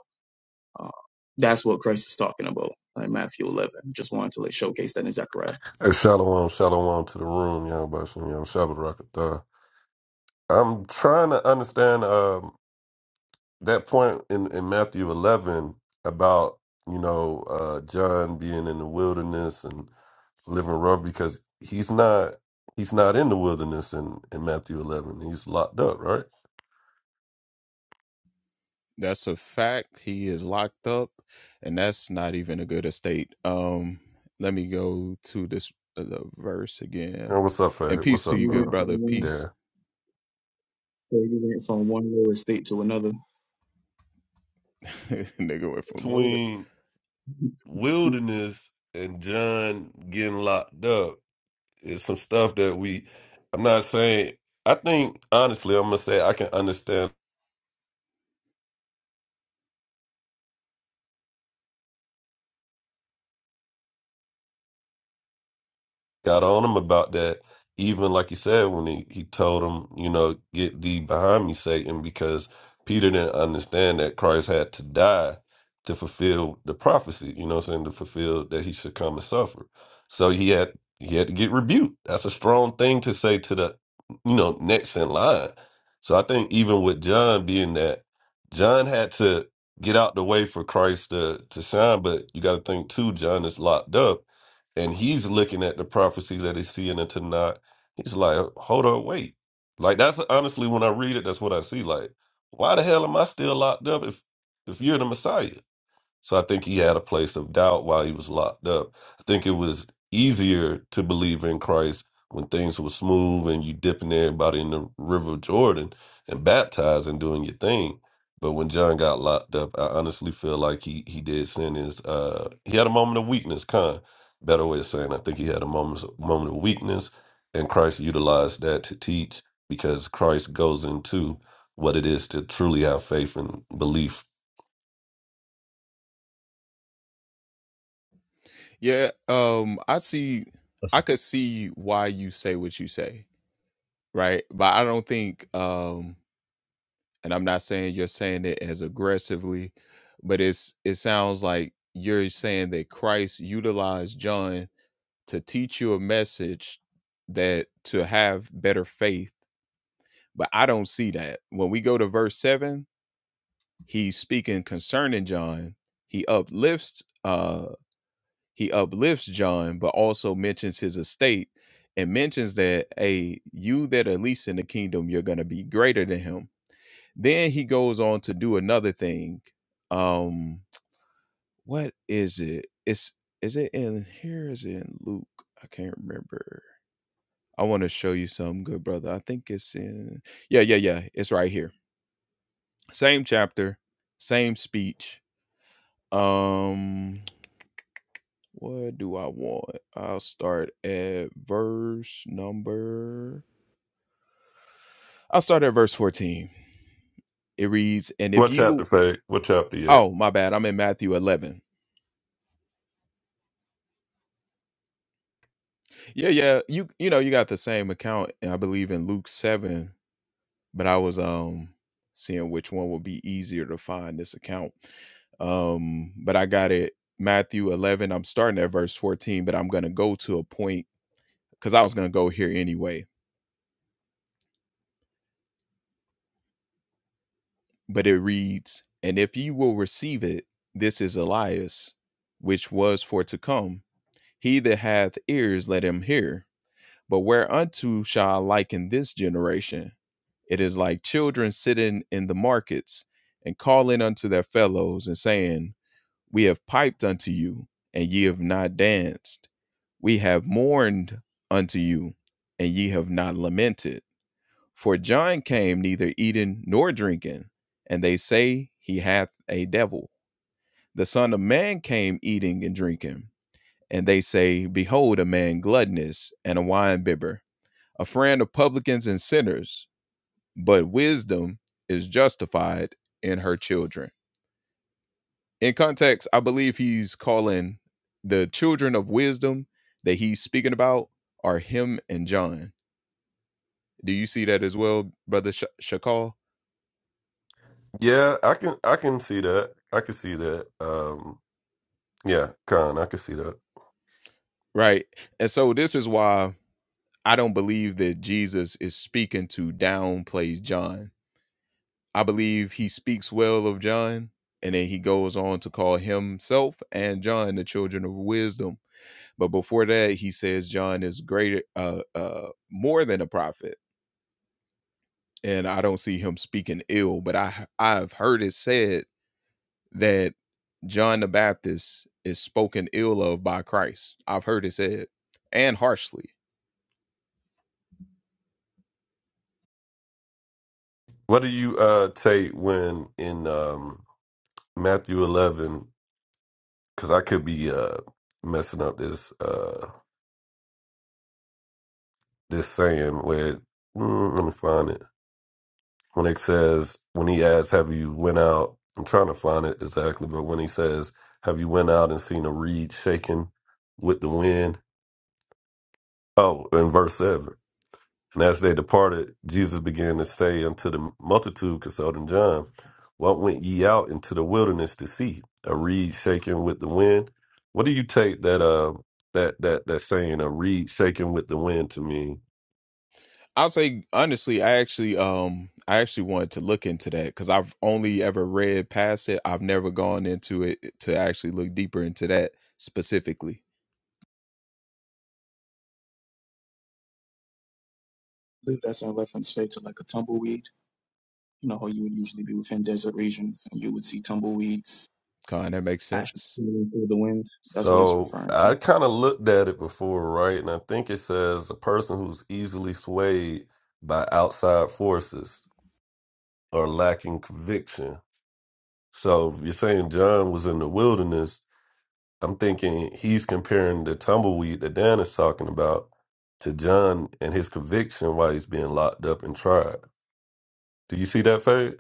Speaker 1: uh, that's what Christ is talking about in Matthew 11. Just wanted to like showcase that in Zechariah.
Speaker 7: Hey, shalom, shalom to the room, young Bashim, young Shabbat Rakatha. I'm trying to understand um, that point in, in Matthew 11 about, you know, uh, John being in the wilderness and living rough because he's not he's not in the wilderness in, in Matthew 11. He's locked up, right? And what's up, Fad? What's
Speaker 1: So
Speaker 7: up,
Speaker 1: he
Speaker 7: uh,
Speaker 1: went from one
Speaker 7: Dan?
Speaker 1: so he went from one low estate to another.
Speaker 7: Between wilderness and John getting locked up, it's some stuff that we. I'm not saying. I think honestly, I'm gonna say I can understand got on him about that. Even like you said, when he, he told him, you know, get thee behind me, Satan, because Peter didn't understand that Christ had to die to fulfill the prophecy, you know what I'm saying, to fulfill that he should come and suffer. So he had he had to get rebuked. That's a strong thing to say to the you know, next in line. So I think even with John being that John had to get out the way for Christ to to shine, but you gotta think too, John is locked up and he's looking at the prophecies that he's seeing and to he's like hold on, wait like that's honestly when i read it that's what i see like why the hell am i still locked up if if you're the messiah so I think he had a place of doubt while he was locked up. I think it was easier to believe in Christ when things were smooth and you dipping everybody in the river of Jordan and baptizing, doing your thing. But when John got locked up, I honestly feel like he he did sin his uh he had a moment of weakness, kind better way of saying I think he had a moment moment of weakness and Christ utilized that to teach because Christ goes into what it is to truly have faith and belief What chapter, Faye? What chapter yet? Yeah, I can I can see that. I can see that. Um yeah, Khan, I can see that. What do you uh take when in um Matthew 11 cuz I could be uh messing up this uh this saying where mm, let me find it. When it says when he asks have you went out I'm trying to find it exactly, but when he says have you went out and seen a reed shaken with the wind? Oh, in verse 7. And as they departed, Jesus began to say unto the multitude concerning John, What went ye out into the wilderness to see? A reed shaken with the wind? What do you take that uh that that that saying a reed shaken with the wind to mean?
Speaker 1: that's in reference straight to like a tumbleweed. You know how you would usually be within desert regions and you would see tumbleweeds ash blowing through the wind. That's what it's
Speaker 7: So
Speaker 1: referring to.
Speaker 7: I kind of looked at it before, right? And I think it says a person who's easily swayed by outside forces or lacking conviction. So if you're saying John was in the wilderness I'm thinking he's comparing the tumbleweed that Dan is talking about to John and his conviction while he's being locked up and tried. Do you see that, Fade?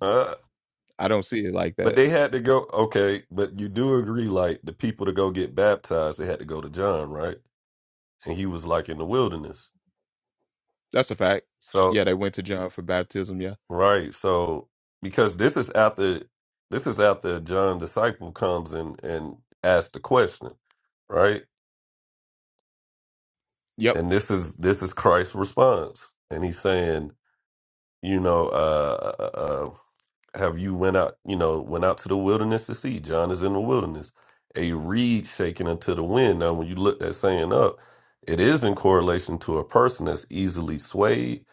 Speaker 7: Uh, but they had to go. Okay, but you do agree, like the people to go get baptized, they had to go to John, right? And he was like in the wilderness. So right, so because this is after this is after John disciple comes and and asks the question, right? And this is this is Christ's response, and he's saying you know, uh, uh, uh, have you went out, you know, went out to the wilderness to see? John is in the wilderness, a reed shaken into the wind. Now, when you look that saying up, it is in correlation to a person that's easily swayed.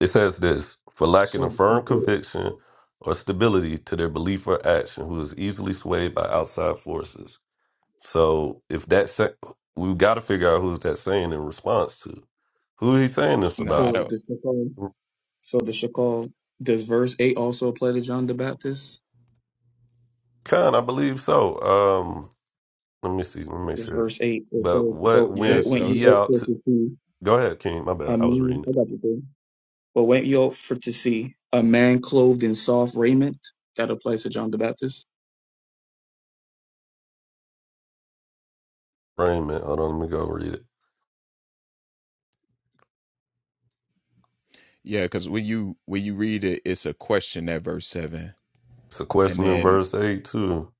Speaker 7: It says this for lacking a
Speaker 1: So,
Speaker 7: firm
Speaker 1: so
Speaker 7: conviction or stability to their belief or action, who is easily swayed by outside forces. So, if that sa- we've got to figure out who's that saying in response to. Who he saying this about?
Speaker 1: the shepherd So the Shakal, does verse 8 also apply to John the Baptist?
Speaker 7: Khan, I believe so. Um, Let me see. Let me make
Speaker 1: It's
Speaker 7: sure.
Speaker 1: verse 8. It
Speaker 7: But
Speaker 1: says, But
Speaker 7: what went
Speaker 1: what went you
Speaker 7: ye
Speaker 1: out
Speaker 7: out
Speaker 1: for
Speaker 7: to?
Speaker 1: to see
Speaker 7: Go ahead, King. My bad.
Speaker 1: a
Speaker 7: I was
Speaker 1: man?
Speaker 7: reading
Speaker 1: I
Speaker 7: it.
Speaker 1: got you, bro. But went you out for to see a man clothed in soft raiment? That applies to John the Baptist.
Speaker 7: Wait a minute. Hold on. Let me go read it. It's a question in verse 8, too.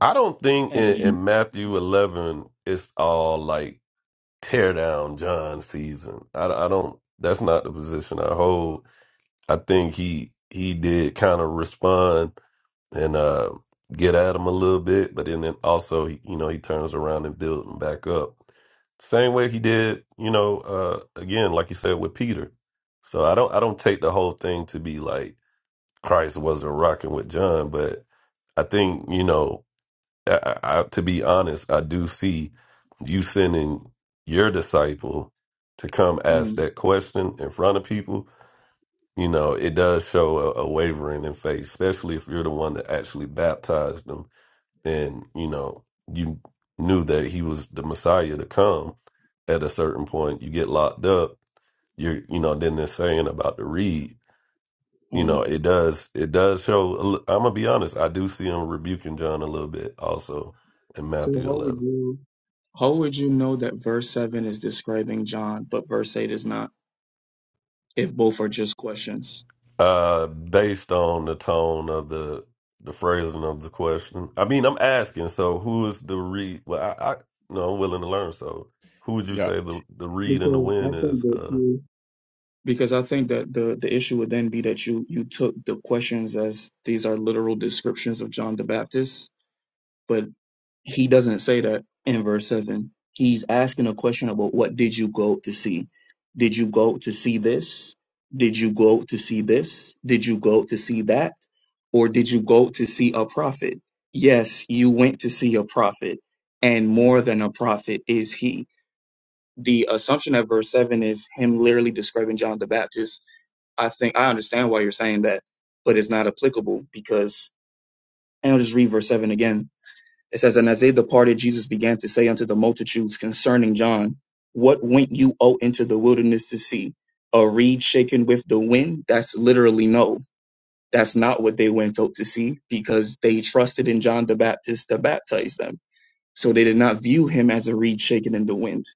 Speaker 7: I don't think in,
Speaker 1: And
Speaker 7: in Matthew 11, it's all like tear down John season. I, I don't, that's not the position I hold. I think he, he did kind of respond and uh, get at him a little bit. But then, then also, he, you know, he turns around and builds him back up. Same way he did, you know, uh, again, like you said with Peter. So I don't, I don't take the whole thing to be like Christ wasn't rocking with John, but I think, you know, I, I, I- to be honest, I do see you sending your disciple to come ask
Speaker 1: mm,
Speaker 7: that question in front of people. You know, it does show a, a wavering in faith, especially if you're the one that actually baptized them and you know you knew that he was the messiah to come at a certain point you get locked up you're you know then they're saying about the reed you know
Speaker 1: mm.
Speaker 7: it does it does show a li- i'm gonna be honest i do see him rebuking john a little bit also in
Speaker 1: so
Speaker 7: matthew
Speaker 1: how would
Speaker 7: 11
Speaker 1: you how would you know that verse 7 is describing John, but verse 8 is not, if both are just questions?
Speaker 7: uh based on the tone of the the phrasing of the question i mean i'm asking so who is the reed well i, I no i'm willing to learn so who would you say the the reed and the
Speaker 1: Because I
Speaker 7: wind
Speaker 1: think
Speaker 7: is
Speaker 1: that
Speaker 7: uh,
Speaker 1: you because I think that the the issue would then be that you you took the questions as these are literal descriptions of John the Baptist, but he doesn't say that in verse 7 he's asking a question about what did you go to see did you go to see this did you go to see this did you go to see that or did you go to see a prophet yes you went to see a prophet and more than a prophet is he the assumption at verse 7 is him literally describing john the baptist I think I understand why you're saying that, but it's not applicable because, and I'll just read verse 7 again. It says, And as they departed, Jesus began to say unto the multitudes concerning John, What went you out into the wilderness to see? A reed shaken with the wind? That's literally no. That's not what they went out to see because they trusted in John the Baptist to baptize them so they did not view him as a reed shaken in the wind.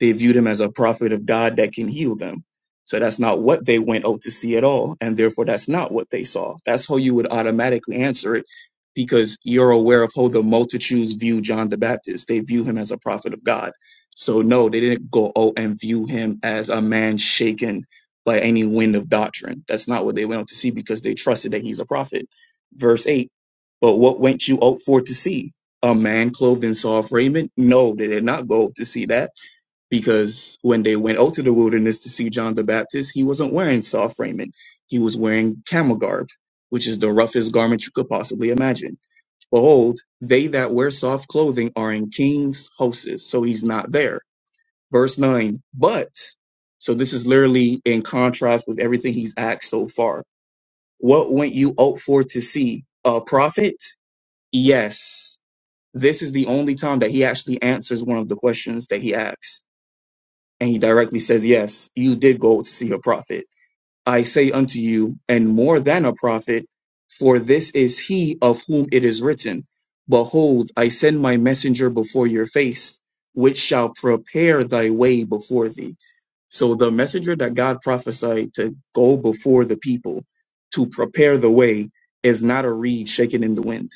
Speaker 1: They viewed him as a prophet of God that can heal them. So that's not what they went out to see at all. And therefore, that's not what they saw. That's how you would automatically answer it because you're aware of how the multitudes view John the Baptist. They view him as a prophet of God. So, no, they didn't go out and view him as a man shaken by any wind of doctrine. That's not what they went out to see because they trusted that he's a prophet. Verse 8 But what went you out for to see? a man clothed in soft raiment? No, they did not go to see that because when they went out to the wilderness to see John the Baptist, he wasn't wearing soft raiment. He was wearing camel garb, which is the roughest garment you could possibly imagine. Behold, they that wear soft clothing are in kings' houses. So he's not there. Verse 9, but, so this is literally in contrast with everything he's asked so far. What went you out for to see? A prophet? Yes. This is the only time that he actually answers one of the questions that he asks. And he directly says, Yes, you did go to see a prophet. I say unto you, and more than a prophet, for this is he of whom it is written, Behold, I send my messenger before your face, which shall prepare thy way before thee. So the messenger that God prophesied to go before the people to prepare the way is not a reed shaken in the wind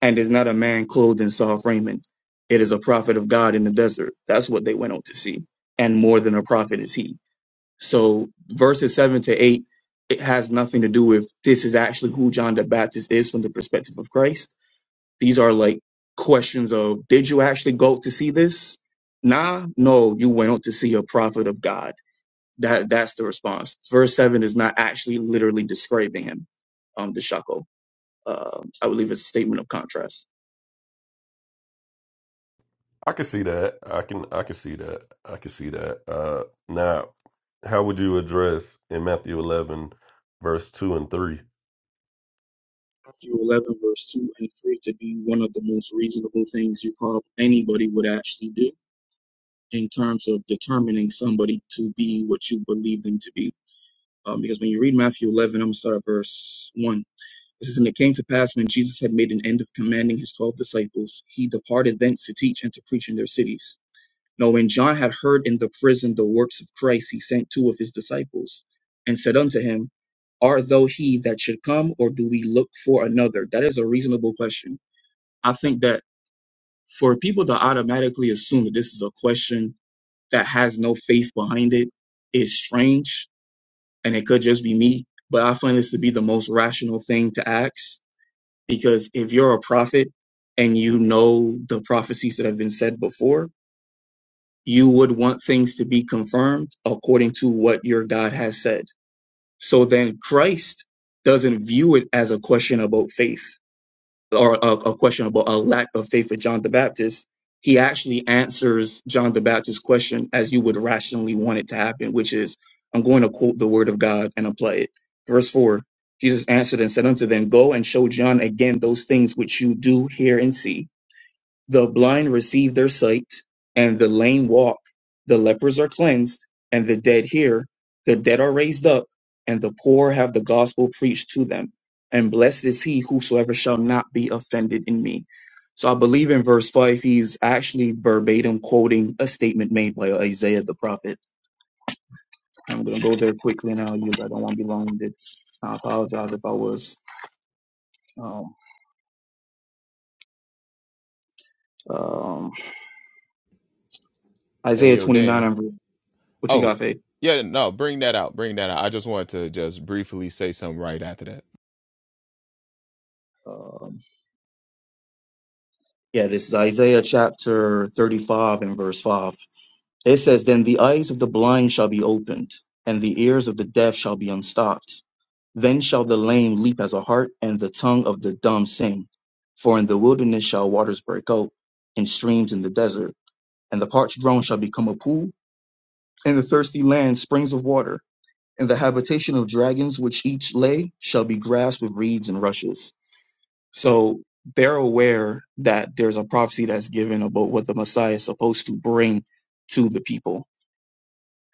Speaker 1: and is not a man clothed in soft raiment. It is a prophet of God in the desert. That's what they went on to see. And more than a prophet is he. So verses seven to eight, it has nothing to do with this is actually who John the Baptist is from the perspective of Christ. These are like questions of did you actually go to see this? Nah, no, you went out to see a prophet of God. That that's the response. Verse seven is not actually literally describing him, um, the uh, I believe it's a statement of contrast.
Speaker 7: I can see that. I can I can see that. I can see that. Uh now how would you address in Matthew 11 verse 2 and 3?
Speaker 1: Matthew 11, verse 2 and 3 to be one of the most reasonable things you prob- anybody would actually do in terms of determining somebody to be what you believe them to be. Um, because when you read Matthew 11, I'm going to start at verse 1. It says, and it came to pass when Jesus had made an end of commanding his twelve disciples, he departed thence to teach and to preach in their cities. Now, when John had heard in the prison the works of Christ, he sent two of his disciples and said unto him, Art thou he that should come, or do we look for another? That is a reasonable question. I think that for people to automatically assume that this is a question that has no faith behind it is strange, and it could just be me, but I find this to be the most rational thing to ask because if you're a prophet and you know the prophecies that have been said before, you would want things to be confirmed according to what your God has said. So then Christ doesn't view it as a question about faith or a, a question about a lack of faith for John the Baptist, he actually answers John the Baptist's question as you would rationally want it to happen, which is, I'm going to quote the word of God and apply it. Verse 4 Jesus answered and said unto them, Go and show John again those things which you do hear and see. The blind receive their sight, and the lame walk. The lepers are cleansed, and the dead hear. The dead are raised up, and the poor have the gospel preached to them. And blessed is he whosoever shall not be offended in me. So I believe in verse 5, he's actually verbatim quoting a statement made by Isaiah the prophet. I'm going to go there quickly now. You I don't want to be long winded. I apologize if I was. Um, um, Isaiah 29, and verse- what you got, Faith? Yeah, this is Isaiah chapter 35 and verse 5. It says, Then the eyes of the blind shall be opened, and the ears of the deaf shall be unstopped. Then shall the lame leap as a hart, and the tongue of the dumb sing. For in the wilderness shall waters break out, and streams in the desert. And the parched ground shall become a pool, and the thirsty land springs of water. And the habitation of dragons which each lay shall be grass with reeds and rushes. So they're aware that there's a prophecy that's given about what the Messiah is supposed to bring to the people.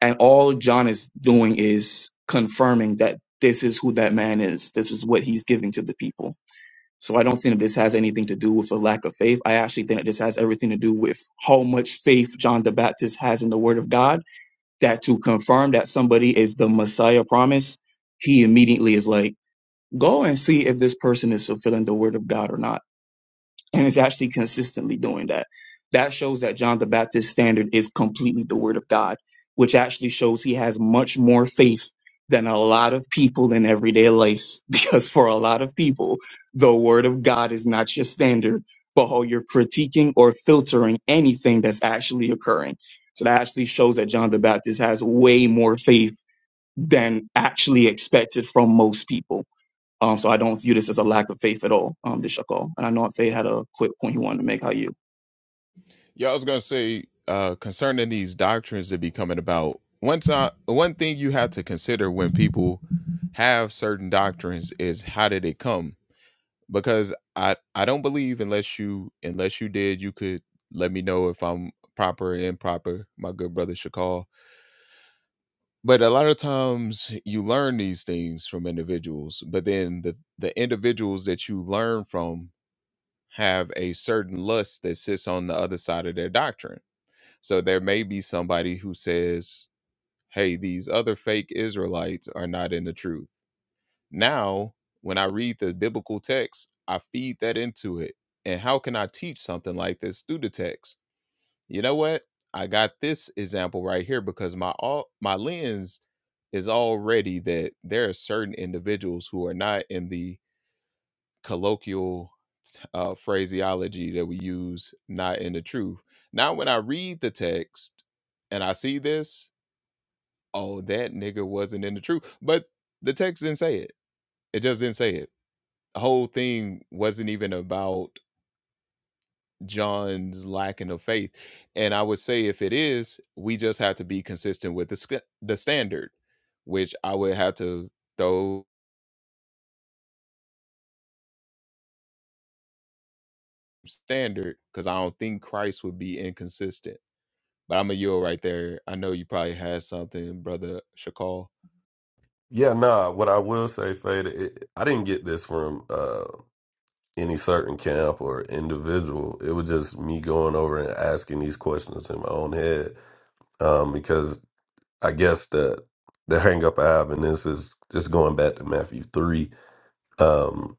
Speaker 1: And all John is doing is confirming that this is who that man is. This is what he's giving to the people. So I don't think that this has anything to do with a lack of faith. I actually think that this has everything to do with how much faith John the Baptist has in the word of God that to confirm that somebody is the Messiah promise, he immediately is like, go and see if this person is fulfilling the word of God or not and is actually consistently doing that. That shows that John the Baptist's standard is completely the word of God, which actually shows he has much more faith than a lot of people in everyday life. Because for a lot of people, the word of God is not your standard for how you're critiquing or filtering anything that's actually occurring. So that actually shows that John the Baptist has way more faith than actually expected from most people um, so I don't view this as a lack of faith at all, um, this Shakal. And I know Fade had a quick point he wanted to make. How you?
Speaker 7: Yeah, nah, what I will say Fada, it, I didn't get this from uh any certain camp or individual. It was just me going over and asking these questions in my own head um because I guess the the hang up I have in this is just going back to Matthew 3 um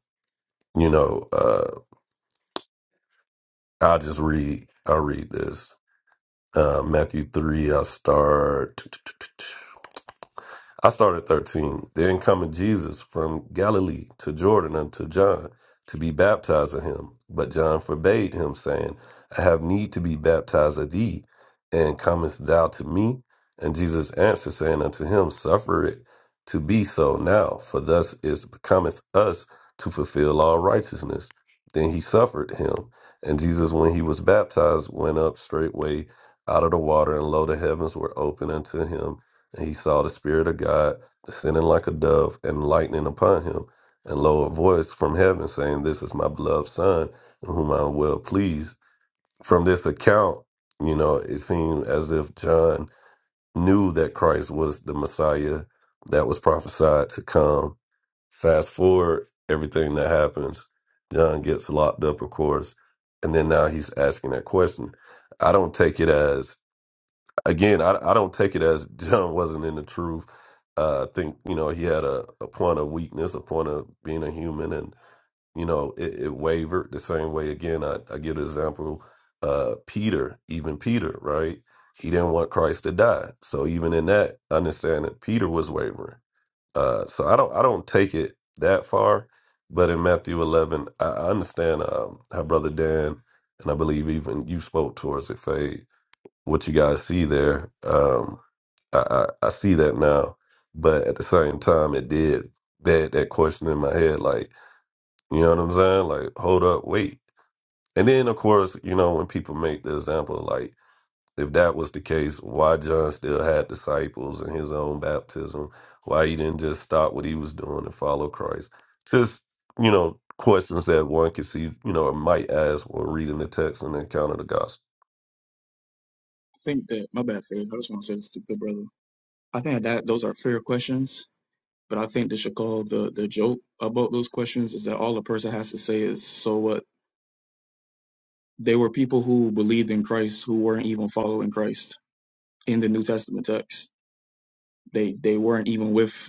Speaker 7: you know uh I'll just read I'll read this Uh, Matthew 3, I'll start. I started 13. Then cometh Jesus from Galilee to Jordan unto John to be baptized of him. But John forbade him, saying, I have need to be baptized of thee, and comest thou to me? And Jesus answered, saying unto him, Suffer it to be so now, for thus it becometh us to fulfill all righteousness. Then he suffered him. And Jesus, when he was baptized, went up straightway out of the water, and lo, the heavens were open unto him and he saw the Spirit of God descending like a dove and lightning upon him. And lo, a voice from heaven saying, This is my beloved Son, in whom I am well pleased. From this account, you know, it seemed as if John knew that Christ was the Messiah that was prophesied to come. Fast forward, everything that happens, John gets locked up, of course. And then now he's asking that question. I don't take it as again, I, I don't take it as John wasn't in the truth. Uh, I think you know he had a, a point of weakness, a point of being a human, and you know it, it wavered the same way. Again, I, I give the example, uh, Peter, even Peter, right? He didn't want Christ to die, so even in that, understand that Peter was wavering. Uh, so I don't I don't take it that far, but in Matthew eleven, I I understand um, how Brother Dan and I believe even you spoke towards it, Faye what you guys see there. Um, I, I I see that now, but at the same time, it did bed that question in my head, like you know what I'm saying, like hold up, wait. And then of course, you know when people make the example, like if that was the case, why John still had disciples and his own baptism? Why he didn't just stop what he was doing and follow Christ? Just you know questions that one could see, you know, or might ask when reading the text and encounter the gospel.
Speaker 1: I think that my bad, Fade. I just want to say this to good brother. I think that those are fair questions, but I think the call the the joke about those questions is that all a person has to say is so what. They were people who believed in Christ who weren't even following Christ in the New Testament text. They they weren't even with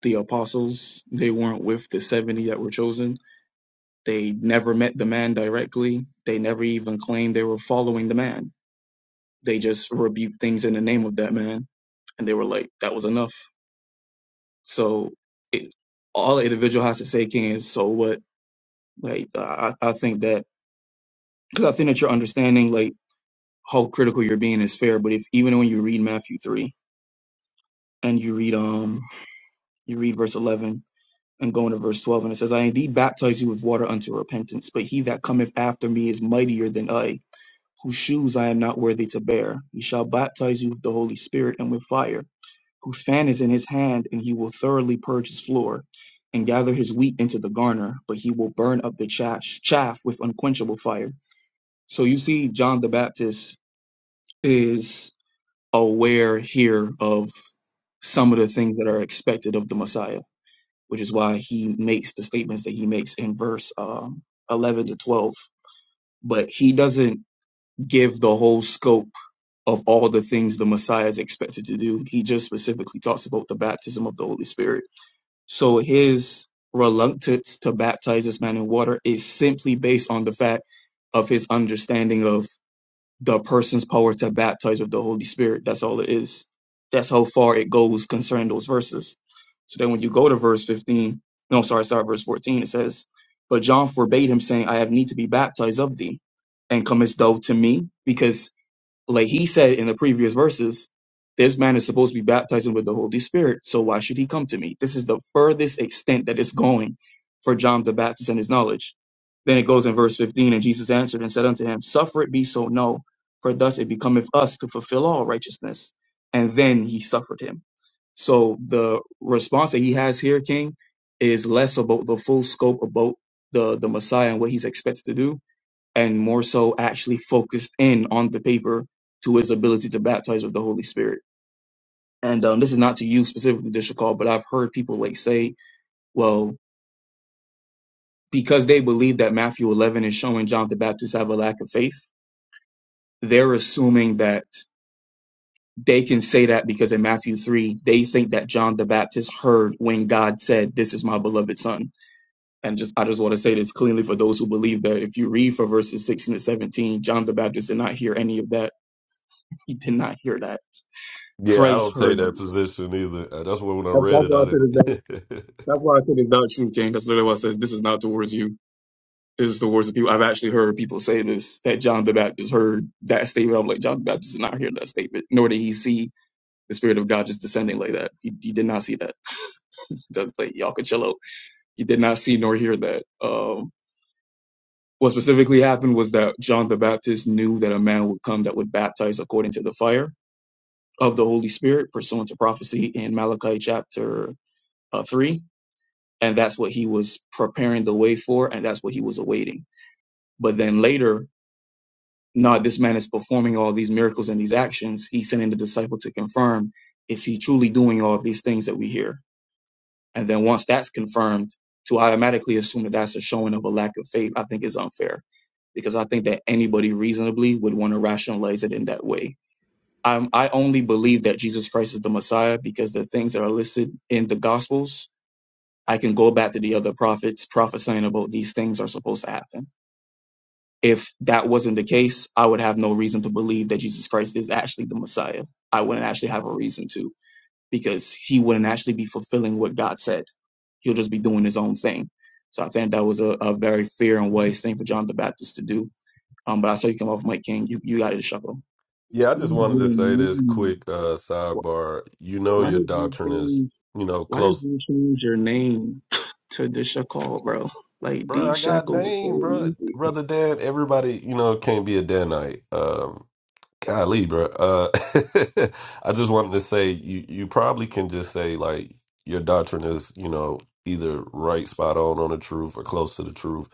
Speaker 1: the apostles. They weren't with the seventy that were chosen. They never met the man directly. They never even claimed they were following the man they just rebuked things in the name of that man and they were like that was enough so it, all an individual has to say king is so what like i, I think that because i think that you're understanding like how critical you're being is fair but if even when you read matthew 3 and you read um you read verse 11 and go into verse 12 and it says i indeed baptize you with water unto repentance but he that cometh after me is mightier than i whose shoes i am not worthy to bear he shall baptize you with the holy spirit and with fire whose fan is in his hand, and he will thoroughly purge his floor and gather his wheat into the garner, but he will burn up the chaff, chaff with unquenchable fire. So you see, John the Baptist is aware here of some of the things that are expected of the Messiah, which is why he makes the statements that he makes in verse um, 11 to 12. But he doesn't give the whole scope of all the things the Messiah is expected to do. He just specifically talks about the baptism of the Holy Spirit So his reluctance to baptize this man in water is simply based on the fact of his understanding of the person's power to baptize with the Holy Spirit. That's all it is. That's how far it goes concerning those verses. So then when you go to verse 15, no, sorry, start at verse 14, it says, But John forbade him, saying, I have need to be baptized of thee, and comest thou to me? Because like he said in the previous verses, this man is supposed to be baptizing with the Holy Spirit, so why should he come to me? This is the furthest extent that it's going for John the Baptist and his knowledge. Then it goes in verse 15, and Jesus answered and said unto him, Suffer it be so, no, for thus it becometh us to fulfill all righteousness. And then he suffered him. So the response that he has here, King, is less about the full scope about the, the Messiah and what he's expected to do, and more so actually focused in on the paper to his ability to baptize with the Holy Spirit. And um, this is not to you specifically, Dishakal, but I've heard people like say, well, because they believe that Matthew 11 is showing John the Baptist have a lack of faith, they're assuming that they can say that because in Matthew 3, they think that John the Baptist heard when God said, this is my beloved son. And just, I just want to say this cleanly for those who believe that if you read for verses 16 to 17, John the Baptist did not hear any of that. He did not hear that
Speaker 7: Yeah, I
Speaker 1: Christ
Speaker 7: don't take
Speaker 1: heard
Speaker 7: that
Speaker 1: them.
Speaker 7: position either. Uh, That's why when I
Speaker 1: That's,
Speaker 7: read
Speaker 1: that's
Speaker 7: it,
Speaker 1: why I
Speaker 7: I
Speaker 1: said it's not,
Speaker 7: didn't.
Speaker 1: that's why I said it's not true, King. That's literally why I says this is not towards you. This is towards the people. I've actually heard people say this that John the Baptist heard that statement. I'm like John the Baptist did not hear that statement, nor did he see the Spirit of God just descending like that. He, he did not see that. That's like y'all could chill out. He did not see nor hear that. Um, what specifically happened was that John the Baptist knew that a man would come that would baptize according to the fire of the Holy Spirit, pursuant to prophecy in Malachi chapter uh, three and that's what he was preparing the way for and that's what he was awaiting but then later no this man is performing all these miracles and these actions he's sending the disciple to confirm is he truly doing all these things that we hear and then once that's confirmed to automatically assume that that's a showing of a lack of faith i think is unfair because i think that anybody reasonably would want to rationalize it in that way i i only believe that jesus christ is the messiah because the things that are listed in the gospels I can go back to the other prophets prophesying about these things are supposed to happen. If that wasn't the case, I would have no reason to believe that Jesus Christ is actually the Messiah. I wouldn't actually have a reason to because he wouldn't actually be fulfilling what God said. He'll just be doing his own thing. So I think that was a, a very fair and wise thing for John the Baptist to do. Um, but I saw you come off, Mike King. You, you got it, Shuckle.
Speaker 7: yeah, I just wanted to say this quick uh, sidebar. You know,
Speaker 1: What
Speaker 7: your
Speaker 1: is the
Speaker 7: doctrine
Speaker 1: thing?
Speaker 7: is, you know,
Speaker 1: Why did
Speaker 7: close.
Speaker 1: you change your name to Deshacal, bro? Like
Speaker 7: Bro,
Speaker 1: D
Speaker 7: I got
Speaker 1: Shackle was so
Speaker 7: name, bro.
Speaker 1: easy.
Speaker 7: Brother Dan, everybody, you know, can't be a Danite. Um, Golly, bro. Uh, I just wanted to say you you probably can just say like your doctrine is, you know, either right spot on on the truth or close to the truth.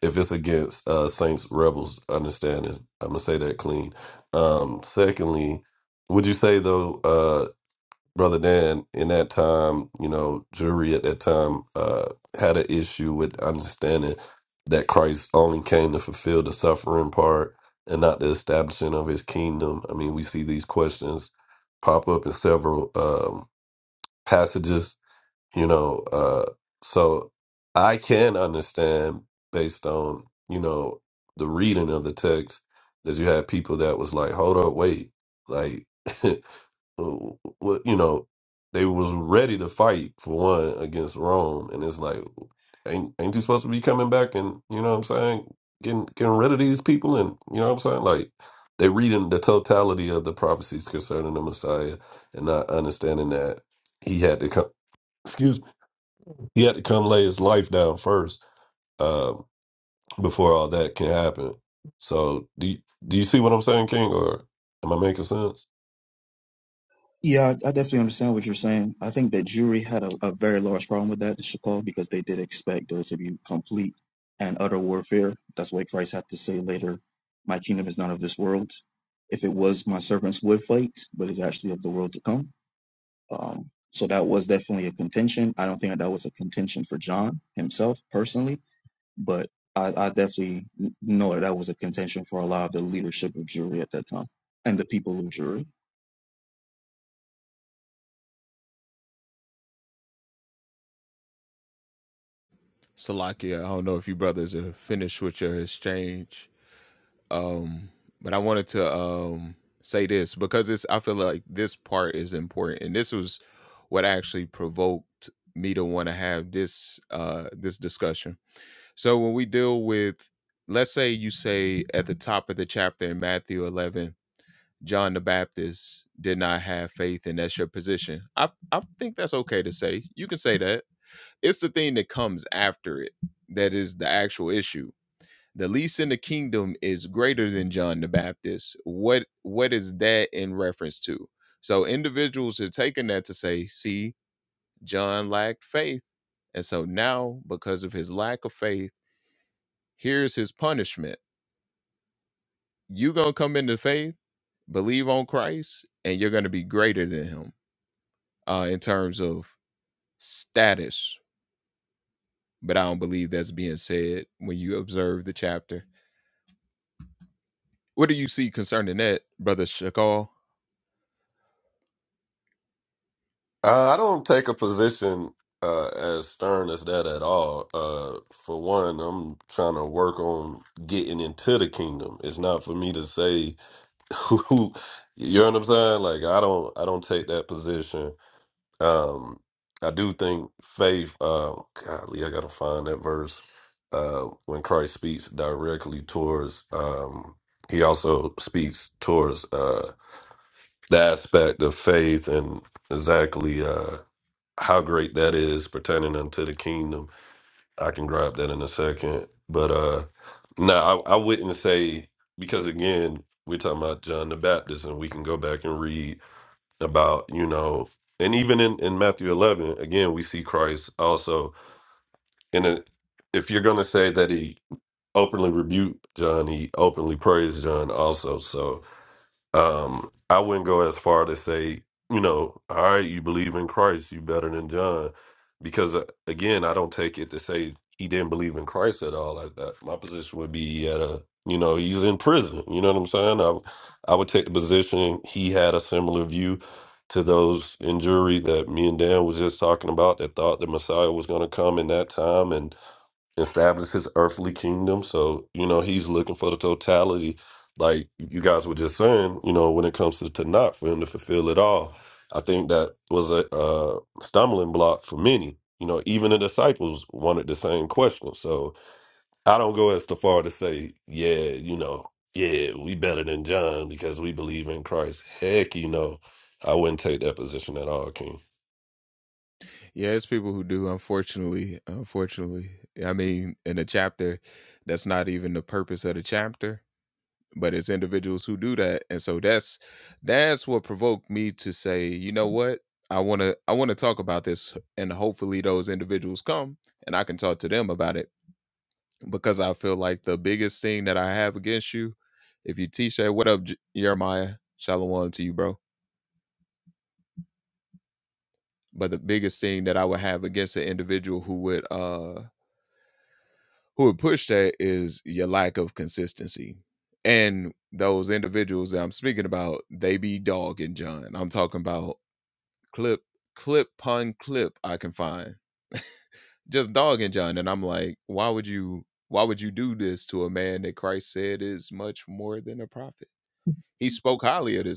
Speaker 7: If it's against uh saints rebels understanding, I'm gonna say that clean. Um, secondly, would you say though uh, Brother Dan, in that time, you know, jury at that time uh, had an issue with understanding that Christ only came to fulfill the suffering part and not the establishing of his kingdom. I mean, we see these questions pop up in several um, passages, you know. Uh, so I can understand based on, you know, the reading of the text that you had people that was like, hold up, wait. Like, w- w- you know, they was ready to fight for one against Rome, and it's like, ain't ain't you supposed to be coming back and you know what I'm saying, getting getting rid of these people, and you know what I'm saying, like they reading the totality of the prophecies concerning the Messiah and not understanding that he had to come, excuse me, he had to come lay his life down first uh, before all that can happen. So do you, do you see what I'm saying, King, or am I making sense?
Speaker 1: Yeah, I I definitely understand what you're saying. I think that jury had a, a very large problem with that, the Shakal, because they did expect there to be complete and utter warfare. That's why Christ had to say later, My kingdom is not of this world. If it was, my servants would fight, but it's actually of the world to come. Um, so that was definitely a contention. I don't think that, that was a contention for John himself personally, but I, I definitely n- for a lot of the jury at that time and the people of jury.
Speaker 7: Uh, I don't take a position uh, as stern as that at all. Uh, for one, I'm trying to work on getting into the kingdom. It's not for me to say who. You know what I'm saying? Like I don't, I don't take that position. Um, I do think faith. Uh, golly, I gotta find that verse. Uh, when Christ speaks directly towards, um, he also speaks towards uh, the aspect of faith and exactly. Uh, how great that is pertaining unto the kingdom. I can grab that in a second. But uh no, I, I wouldn't say because again, we're talking about John the Baptist and we can go back and read about, you know, and even in, in Matthew eleven, again, we see Christ also in a if you're gonna say that he openly rebuked John, he openly praised John also. So um, I wouldn't go as far to say, you know, all right, you believe in Christ, you better than John, because uh, again, I don't take it to say he didn't believe in Christ at all. I, I, my position would be he had a, you know, he's in prison. You know what I'm saying? I, I would take the position he had a similar view to those in jury that me and Dan was just talking about that thought the Messiah was going to come in that time and establish his earthly kingdom. So, you know, he's looking for the totality, like you guys were just saying, you know, when it comes to Tanakh, for him to fulfill it all. I think that was a, uh stumbling block for many. You know, even the disciples wanted the same question. So I don't go as to far to say, yeah, you know, yeah, we better than John because we believe in Christ. Heck, you know, I wouldn't take that position at all, King.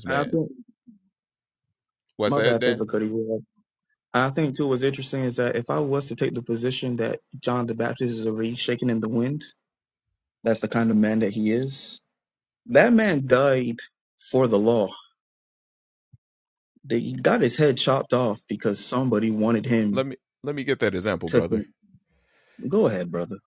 Speaker 1: And I think my bad favor Cuddy. you And I think too what's interesting is that if I was to take the position that John the Baptist is a reed shaking in the wind, that's the kind of man that he is. That man died for the law. They got his head chopped off because somebody wanted him to go ahead, brother.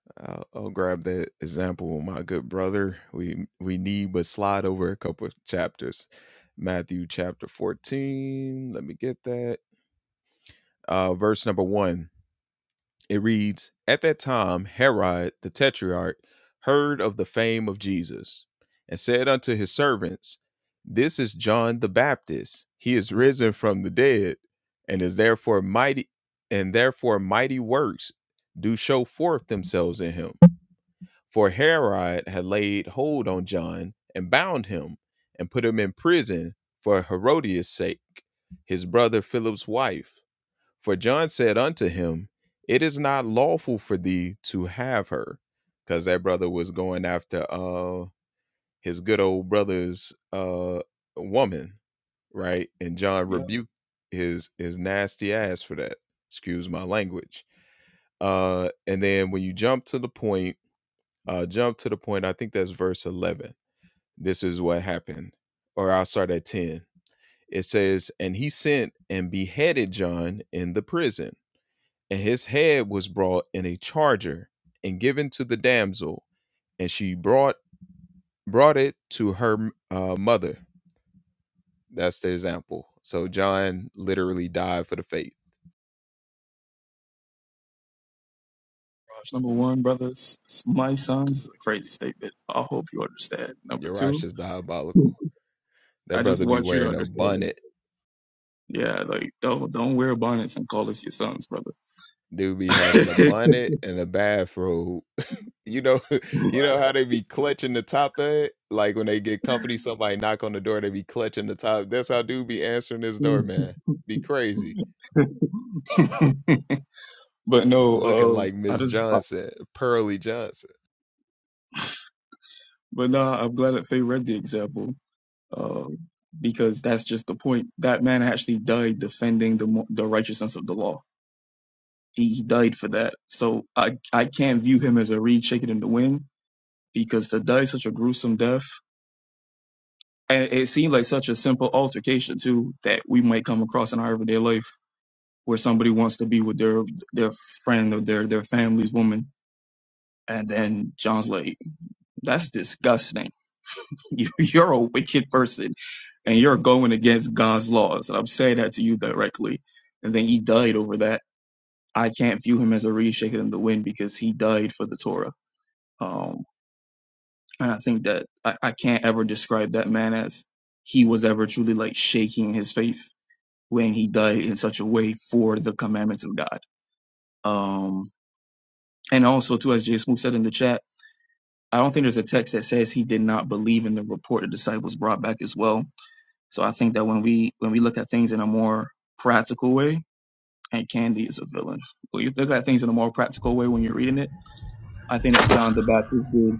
Speaker 1: Yeah, Raj. Number one, brothers, my sons, is a crazy statement. I hope you understand. Number two, I just want you to understand. that Yeah, like don't don't wear bonnets and call us your sons, brother. but no, uh, I just but nah, I'm glad that Faye read the example, uh, because that's just the point. That man actually died defending the mo- the righteousness of the law. He, he died for that. So I I can't view him as a reed shaking in the wind because to die such a gruesome death, and it seemed like such a simple altercation too that we might come across in our everyday life where somebody wants to be with their their friend or their their family's woman and then john's like that's disgusting You- you're a wicked person and you're going against god's laws and i'm saying that to you directly and then he died over that i can't view him as a reed shaking in the wind because he died for the torah um and i think that i, I can't ever describe that man as he was ever truly like shaking his faith when he died in such a way for the commandments of god um And also, too, as Jay Smooth said in the chat, I don't think there's a text that says he did not believe in the report the disciples brought back as well. So I think that when we when we look at things in a more practical way, and Candy is a villain. When you look at things in a more practical way when you're reading it, I think that John the Baptist did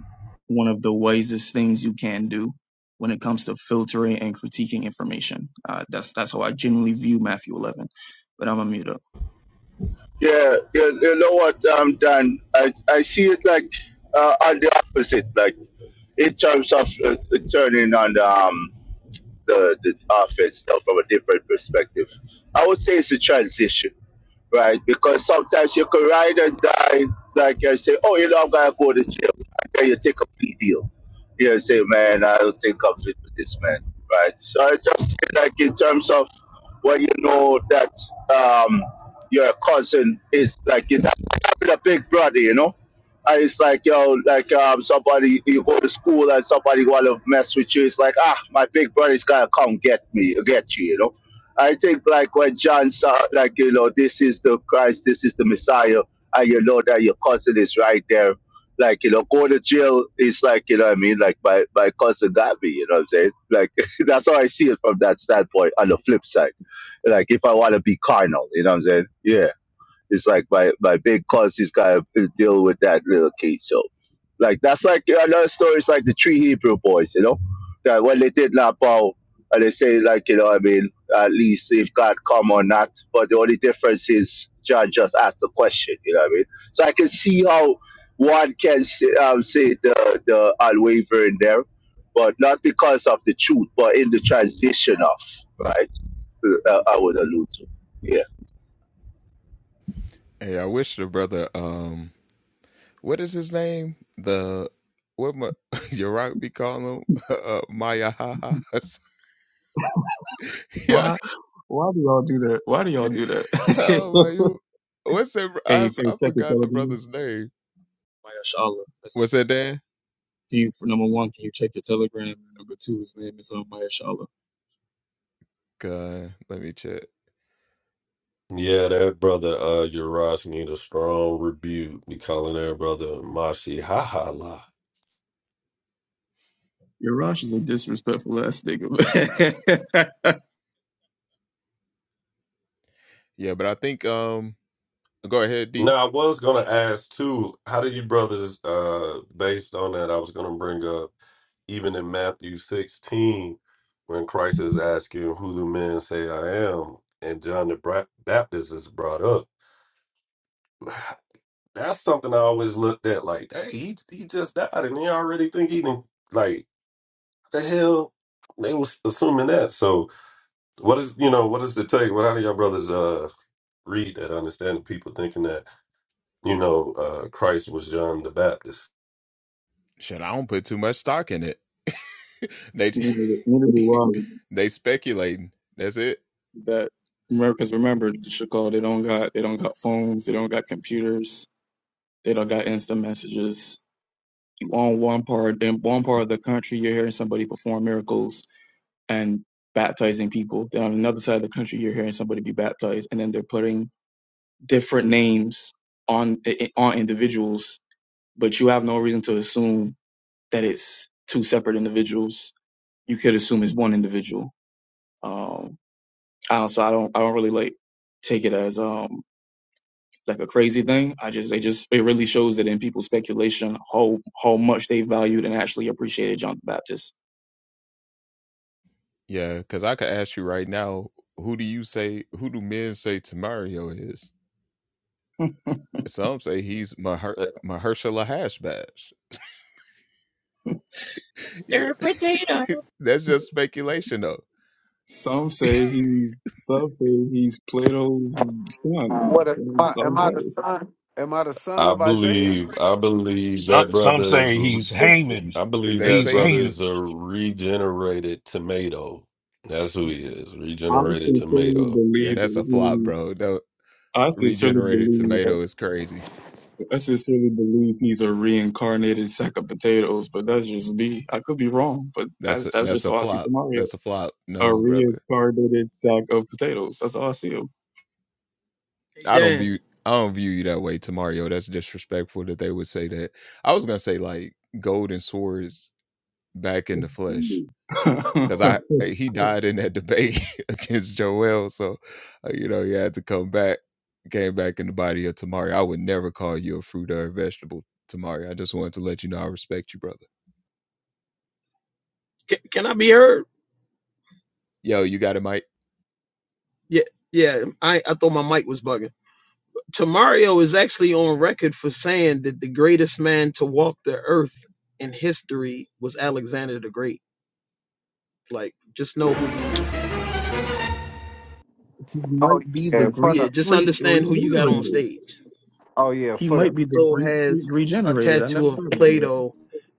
Speaker 1: one of the wisest things you can do when it comes to filtering and critiquing information. Uh, that's that's how I genuinely view Matthew 11. But I'm a mute up.
Speaker 4: Yeah, you, you know what, um, Dan? I, I see it like uh, on the opposite, like in terms of uh, turning on. the um, the, the offense now from a different perspective. I would say it's a transition, right? Because sometimes you can ride and die, like you say, oh, you know, I'm going to go to jail. And then you take a plea deal. You say, man, I don't think I'm fit with this man, right? So I just feel like in terms of when you know that um, your cousin is like, you have a big brother, you know? And it's like, yo, like um, somebody, you go to school and somebody want to mess with you. It's like, ah, my big brother's going to come get me, get you, you know. I think like when John saw, like, you know, this is the Christ, this is the Messiah, and you know that your cousin is right there. Like, you know, go to jail is like, you know what I mean? Like my, my cousin got me, you know what I'm saying? Like, that's how I see it from that standpoint on the flip side. Like if I want to be carnal, you know what I'm saying? Yeah. It's like my, my big cousin's got to deal with that little case. So, like, that's like another story is like the three Hebrew boys, you know, that when they did not bow, and they say, like, you know, I mean, at least if God come or not. But the only difference is John just asked the question, you know what I mean? So I can see how one can say, um, say the, the unwavering there, but not because of the truth, but in the transition of, right? Uh, I would allude to.
Speaker 1: Why why do y'all do that? Why do y'all do that? Hey, if you check your telegram, Mayashala, that's his name. Can you, for number one, can you check your telegram? And number two, his name is uh, Mayashala.
Speaker 7: Yeah, that brother uh Urias need a strong rebuke. Be calling that brother Mashi Hahala.
Speaker 1: Your Rosh is a disrespectful ass nigga.
Speaker 7: Now I was gonna ask too, how do you brothers uh based on that I was gonna bring up even in Matthew sixteen when Christ is asking who do men say I am and John the Bra- Baptist is brought up. That's something I always looked at like, hey, he he just died and they already think he didn't like the hell they was assuming that. So What is you know what is the take? What out of all brothers uh read that understand the people thinking that you know uh Christ was John the Baptist?
Speaker 1: neither, neither the I. That Americans remember the Chicago. They don't got they don't got phones. They don't got computers. They don't got instant messages. On one part, in one part of the country, you're hearing somebody perform miracles and baptizing people. Then on another side of the country, you're hearing somebody be baptized, and then they're putting different names on on individuals, but you have no reason to assume that it's two separate individuals. You could assume it's one individual. Um, I do so I don't I don't really like take it as um like a crazy thing. I just they just it really shows that in people's speculation how how much they valued and actually appreciated John the Baptist.
Speaker 2: Stir potato.
Speaker 1: Some say he, some say he's Plato's son.
Speaker 8: What a, am
Speaker 1: Some,
Speaker 8: I,
Speaker 1: some
Speaker 8: am I
Speaker 1: say.
Speaker 8: the son? Am I the son
Speaker 7: I
Speaker 8: of Isaiah?
Speaker 7: believe I believe
Speaker 9: Some
Speaker 7: that
Speaker 9: some
Speaker 7: brother is
Speaker 9: say he's Haman.
Speaker 7: I believe that
Speaker 9: He's
Speaker 7: brother is
Speaker 9: Haman.
Speaker 7: a regenerated tomato. That's who he is,
Speaker 1: I
Speaker 7: regenerated
Speaker 1: sincerely
Speaker 7: tomato.
Speaker 1: believe that he. I sincerely believe I sincerely believe he's a reincarnated sack of potatoes, but that's just me. I could be wrong, but that's that's just all I see tomorrow. A reincarnated sack of potatoes. That's all I see him.
Speaker 2: Hey Dan, can, can I be heard? Yeah, yeah. I I thought my mic was bugging. Tamario is actually on record for saying that the greatest man to walk the earth in history was Alexander the Great. Like, just know who you.
Speaker 8: Oh yeah, for
Speaker 2: Yeah,
Speaker 8: the
Speaker 2: just
Speaker 1: Freak
Speaker 2: understand who you got on
Speaker 1: regenerated.
Speaker 2: stage.
Speaker 8: oh yeah,
Speaker 1: He
Speaker 8: for the
Speaker 1: might be the
Speaker 2: also
Speaker 1: Greek freak
Speaker 2: has a
Speaker 1: regenerated. I never
Speaker 2: tattoo of
Speaker 1: thought about that.
Speaker 2: Plato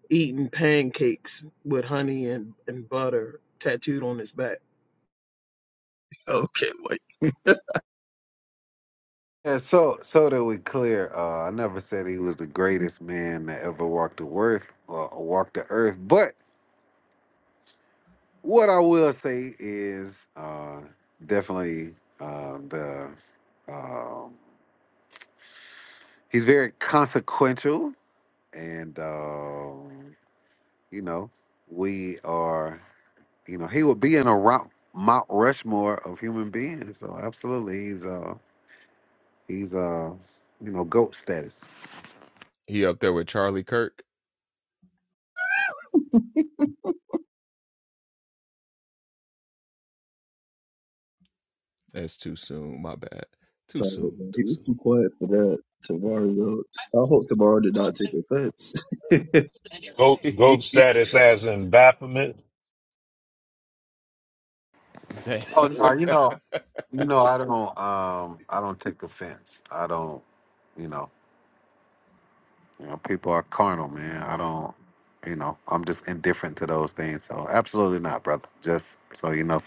Speaker 2: eating pancakes with honey and, and butter tattooed on his back.
Speaker 1: Okay, wait.
Speaker 8: yeah. So so that we clear, uh, I never said he was the greatest man that ever walked the earth or walked the earth. But what I will say is uh, definitely uh, the um, he's very consequential, and um, you know we are. You know, he would be in a rock, Mount Rushmore of human beings. So absolutely, he's uh he's uh you know goat status.
Speaker 1: Sorry, he was too quiet for that. Tavario. I hope Tavario did not take offense.
Speaker 9: Gold gold status as in Baphomet.
Speaker 8: Oh no, you know, you know, I don't um I don't take offense. I don't, you know, you know, people are carnal, man. I don't. You know, I'm just indifferent to those things. So absolutely not, brother. Just so you know.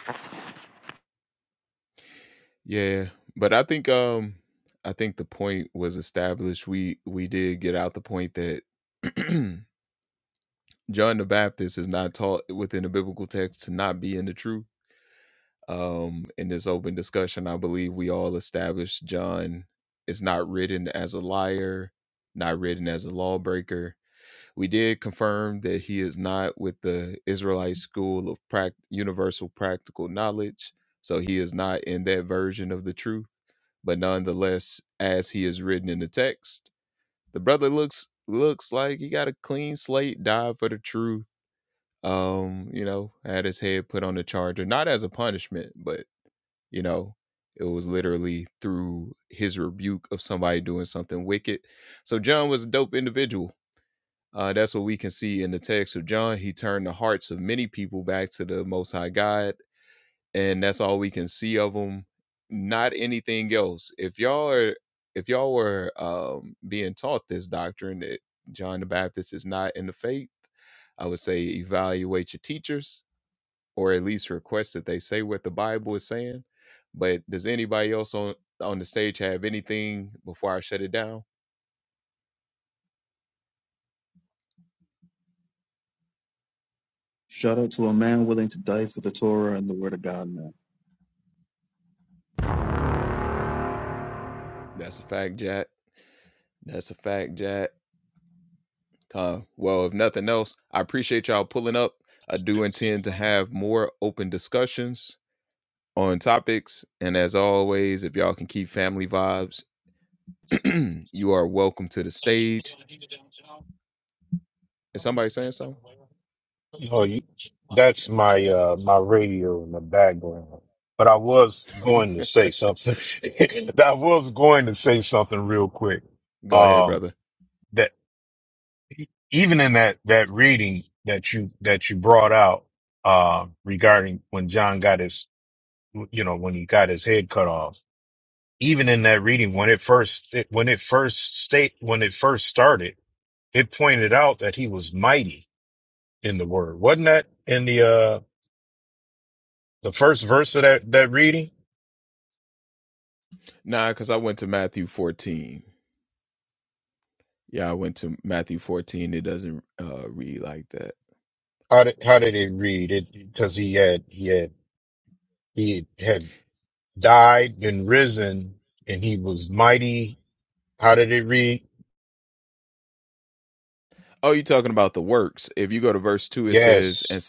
Speaker 1: Shout out to a man willing to die for the Torah and the Word of God, man.
Speaker 9: You know, you, that's my uh my radio in the background. But I was going to say something. I was going to say something real quick. Um, that even in that that reading that you that you brought out, uh, regarding when John got his, you know, when he got his head cut off even in that reading when it first it, when it first state when it first started it pointed out that he was mighty in the word wasn't that in the uh the first verse of that that reading how did how did it read it because he had he had he had died and risen and he was mighty how did it read yes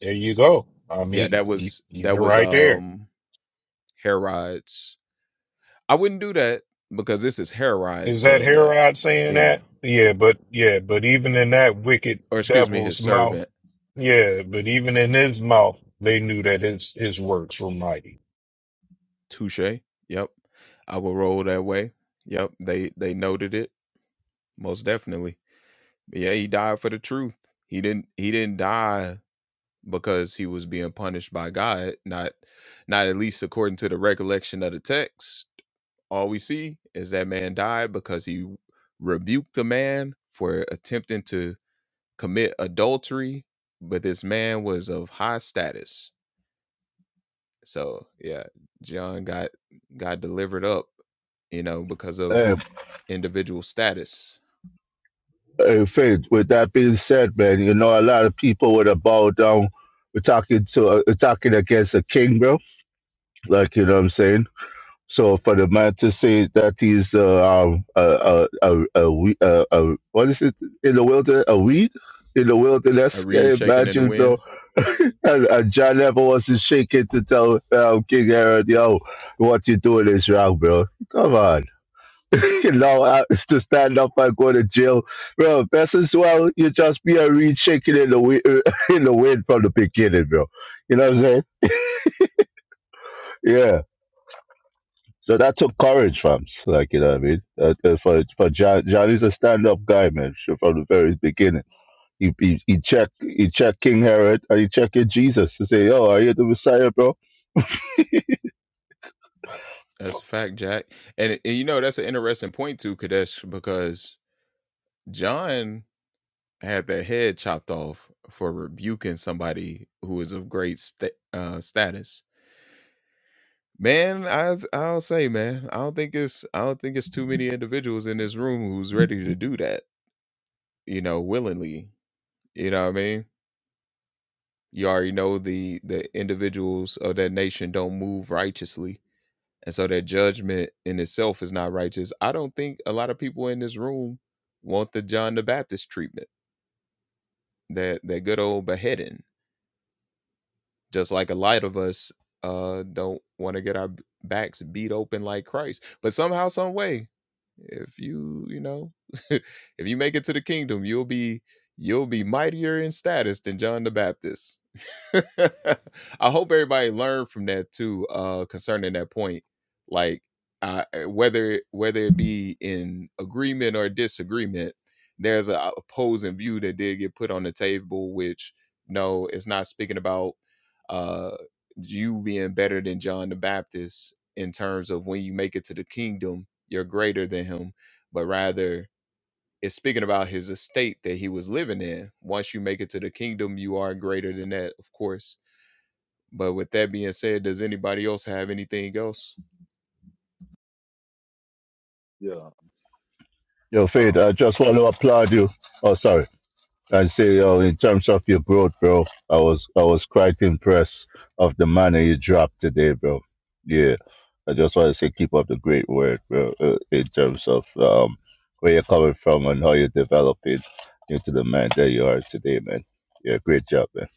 Speaker 9: there you go i mean you, you're right there Is that Herod saying that? Yeah, but yeah, but even in that wicked devil's mouth, yeah, but even in his mouth, they knew that his his works were mighty.
Speaker 4: Yeah. Hey, Faith, with that being said, man, you know, a lot of people would have bowed down. We're talking to, uh, we're talking against a king, bro. Like, you know what I'm saying? So for the man to say that he's, uh, um, a, a, a, a, we- a, a, what is it in the wilderness? A weed in the wilderness? Can you imagine, bro? and, and John never wasn't shaking to tell um, King Herod, yo, what you doing is wrong, bro. Come on you know, I, to stand up and go to jail. Bro, best as well, you just be a reed shaking in the, wi- in the wind from the beginning, bro. You know what I'm saying? Yeah. So that took courage, fam. Like, you know what I mean? Uh, uh, for for John, Johnny's a stand up guy, man, sh- from the very beginning. He, he, he checked he checked King Herod and he checked in Jesus to say, Yo, are you the Messiah, bro?
Speaker 10: Yeah.
Speaker 4: Yo, Fade, I
Speaker 10: Oh,
Speaker 4: just want to applaud you. Oh, sorry. I say, yo, in terms of your growth, bro, I was I was quite impressed of the manner you dropped today, bro. Yeah, I just want to say, keep up the great work, bro. Uh, in terms of um, where you're coming from and how you're developing into the man that you are today, man. Yeah, great job, man.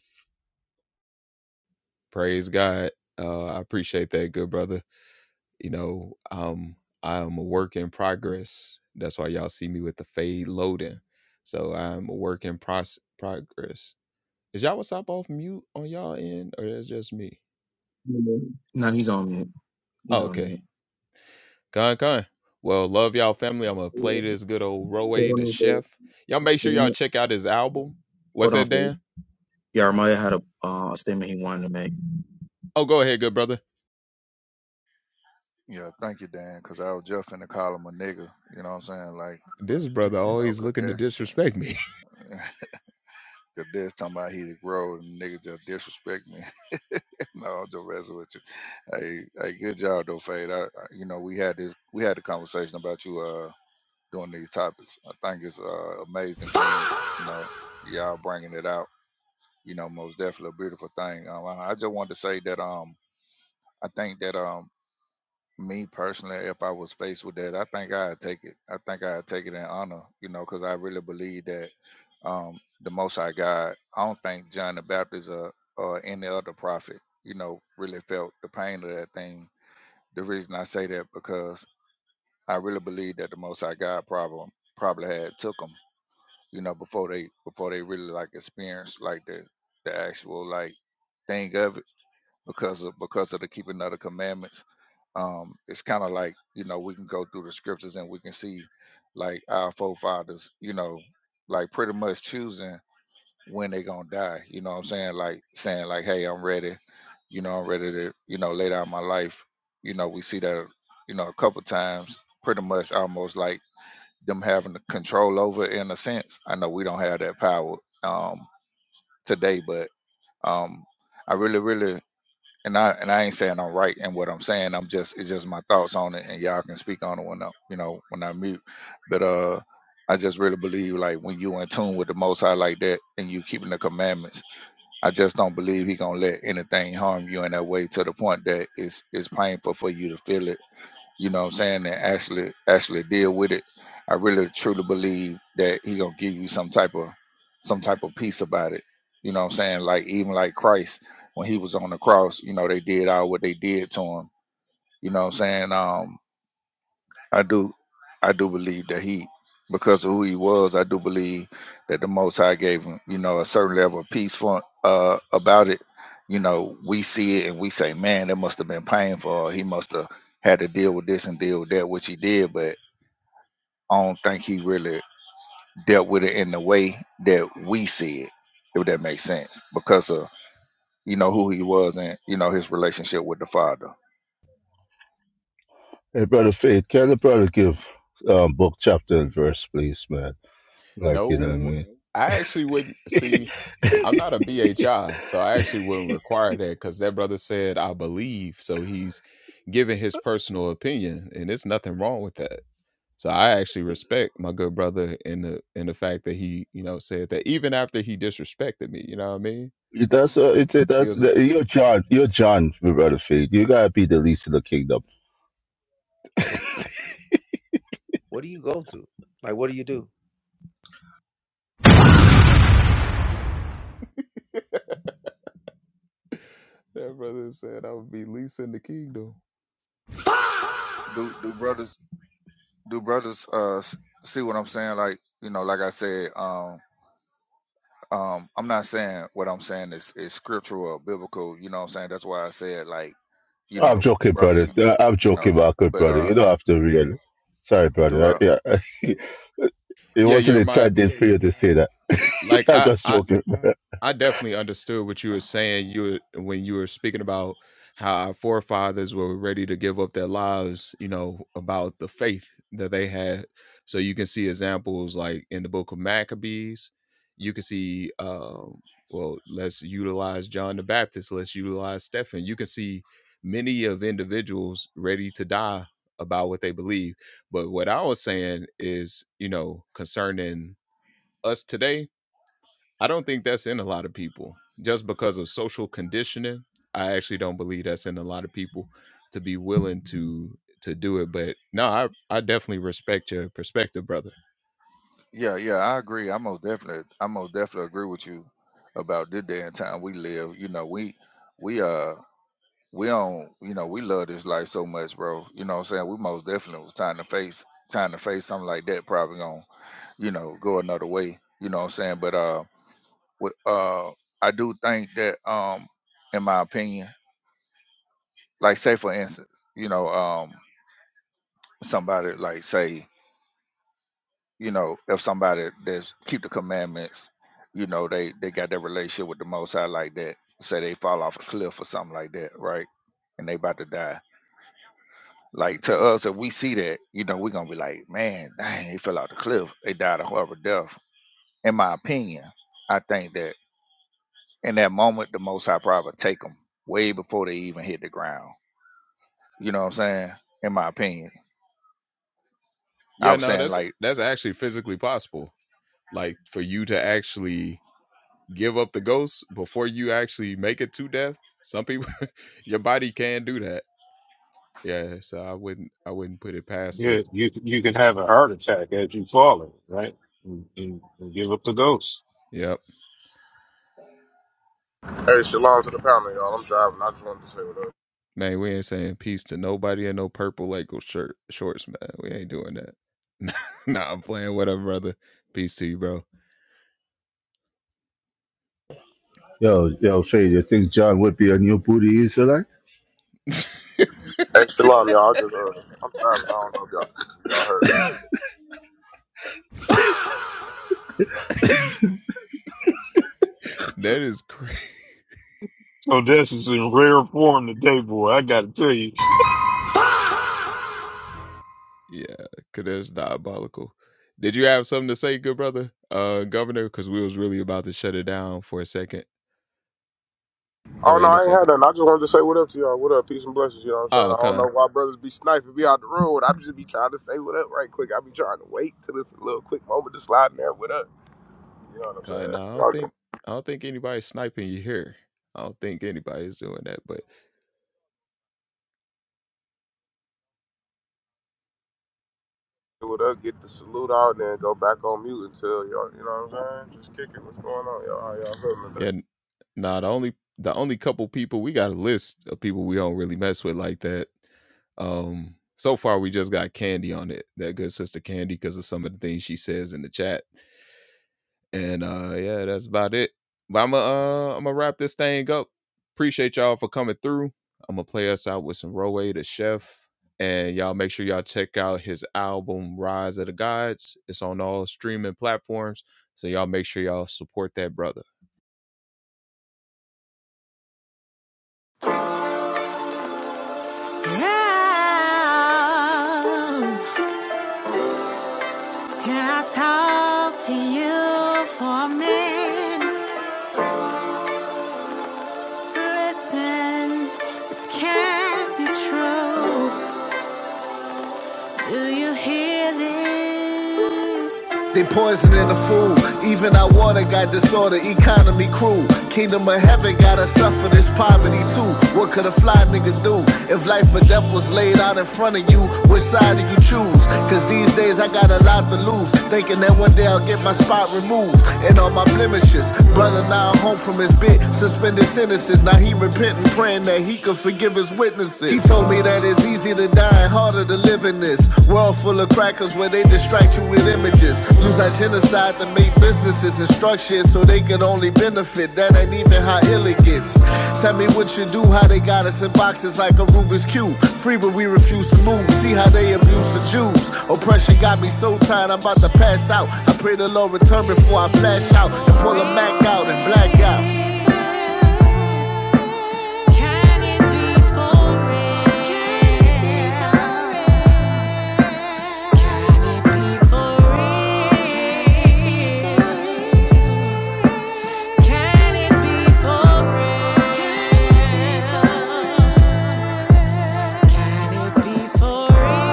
Speaker 1: Yeah. Now he's on me. He's on mute. Yeah, Okay, hold on, Phil. Wait Hold on, Phil. Yarmaya had a, uh, a statement he wanted to make.
Speaker 10: yeah. Thank you, Dan, because I was just finna call him a nigga. You know what I'm saying? Like, you know, cause that's, cause that's talking about he the grow and nigga just disrespect me. no, I'm just messing with you. Hey, hey, good job though, Fade. I, I, you know, we had this, we had the conversation about you uh doing these topics. I think it's uh amazing, King. You know, y'all bringing it out. You know, most definitely a beautiful thing. Um, I I just wanted to say that um, I think that um. me personally, if I was faced with that, I think I'd take it. I think I'd take it in honor, you know, because I really believe that um, the Most High God. I don't think John the Baptist or, or any other prophet, you know, really felt the pain of that thing. The reason I say that because I really believe that the Most High God problem probably had took them, you know, before they before they really like experienced like the the actual like thing of it because of because of the keeping of the commandments. Um, it's kind of like you know we can go through the scriptures and we can see like our forefathers, you know, like pretty much choosing when they gonna die. You know what I'm saying? Like saying like, hey, I'm ready. You know, I'm ready to you know lay down my life. You know, we see that you know a couple times, pretty much almost like them having the control over it in a sense. I know we don't have that power um, today, but um, I really, really and I and I ain't saying I'm right in what I'm saying. I'm just it's just my thoughts on it, and y'all can speak on it when I you know when I mute. But uh, I just really believe like when you in tune with the Most High like that, and you keeping the commandments, I just don't believe He gonna let anything harm you in that way to the point that it's it's painful for you to feel it you know what I'm saying, that actually actually deal with it. I really truly believe that he gonna give you some type of some type of peace about it. You know what I'm saying? Like even like Christ when he was on the cross, you know, they did all what they did to him. You know what I'm saying? Um I do, I do believe that he, because of who he was, I do believe that the Most High gave him, you know, a certain level of peace for uh, about it. You know, we see it and we say, man, that must have been painful. Or he must have had to deal with this and deal with that, which he did. But I don't think he really dealt with it in the way that we see it, if that makes sense, because of you know who he was and you know his relationship with the father
Speaker 4: Hey, brother Faith, can the brother give um, book, chapter, and verse, please, man? Like you know what I mean. That's uh, it's, that's the, you're John, you're John, brother Faith. You gotta be the least of the kingdom
Speaker 10: do do brothers do brothers uh s- see what i'm saying like you know like i said um um i'm not saying what i'm saying is is scriptural or biblical you know what i'm saying that's why i said like you
Speaker 4: I'm
Speaker 10: know
Speaker 4: joking,
Speaker 10: brothers
Speaker 4: brother.
Speaker 10: can-
Speaker 4: Uh, I'm
Speaker 10: you know
Speaker 4: joking, Michael,
Speaker 10: but
Speaker 4: brother. You
Speaker 10: uh
Speaker 4: don't have to really. Sorry,
Speaker 10: do
Speaker 4: brother. I,
Speaker 10: uh
Speaker 4: yeah, it wasn't intended for you to say that. I'm just joking. brother.
Speaker 10: Yeah, yeah, I agree. I most definitely, I most definitely agree with you about this day and time we live. You know, we, we, uh, we on, you know, we love this life so much, bro. You know what I'm saying? We most definitely was trying to face, trying to face something like that, probably gonna, you know, go another way. You know what I'm saying? But, uh, with, uh, I do think that, um, in my opinion, like say for instance, you know, um, somebody like say you know, if somebody that's keep the commandments, you know, they they got that relationship with the Most High like that. Say they fall off a cliff or something like that, right? And they about to die. Like to us, if we see that, you know, we're gonna be like, man, dang, they fell off the cliff. They died a horrible death. In my opinion, I think that in that moment, the Most High probably take them way before they even hit the ground. You know what I'm saying? In my opinion, I was saying like
Speaker 9: Yeah, you you can have a heart attack as you fall in, right? And, and, and give up the ghost.
Speaker 11: Hey, shalom to the panel, y'all. I'm driving. I just wanted to say what up.
Speaker 4: Yo, yo, Faye, you think John would be a new booty Israelite?
Speaker 11: Hey, shalom, y'all. I just, uh, I'm driving. I don't know if y'all, if y'all heard me.
Speaker 9: So this is in rare form today, boy. I got to tell you.
Speaker 11: Oh, no, I ain't had nothing. I just wanted to say what up to y'all. What up? Peace and blessings. You know what I'm saying? I don't know why brothers be sniping me out the road. I just be trying to say what up right quick. I be trying to wait till this little quick moment to slide in there. What up? You know what I'm saying? Y'all can do what up, get the salute out, and then go back on mute until y'all, you know what I'm saying? Just kick it. What's going on, y'all? How y'all feeling today?
Speaker 3: Yeah. Can I talk to you for a minute? Listen, this can't be true. Do you hear this? They poisoning the food. Even our water got disorder, economy cruel. Kingdom of heaven gotta suffer this poverty too. What could a fly nigga do if life or death was laid out in front of you? Which side do you choose? Cause these days I got a lot to lose. Thinking that one day I'll get my spot removed and all my blemishes. Brother now home from his bit, suspended sentences. Now he repenting, praying that he could forgive his witnesses. He told me that it's easy to die and harder to live in this world full of crackers where they distract you with images. Use our genocide to make businesses and structure so they can only benefit. That ain't even how ill it gets. Tell me what you do, how they got us in boxes like a Rubik's Cube. Free, but we refuse to move. See how they abuse the Jews. Oppression got me so tired, I'm about to pass out. I pray the Lord return before I flash out and pull a Mac out and black out. Can it be for real? Can it be for real? Can it be for real? Can it be for real?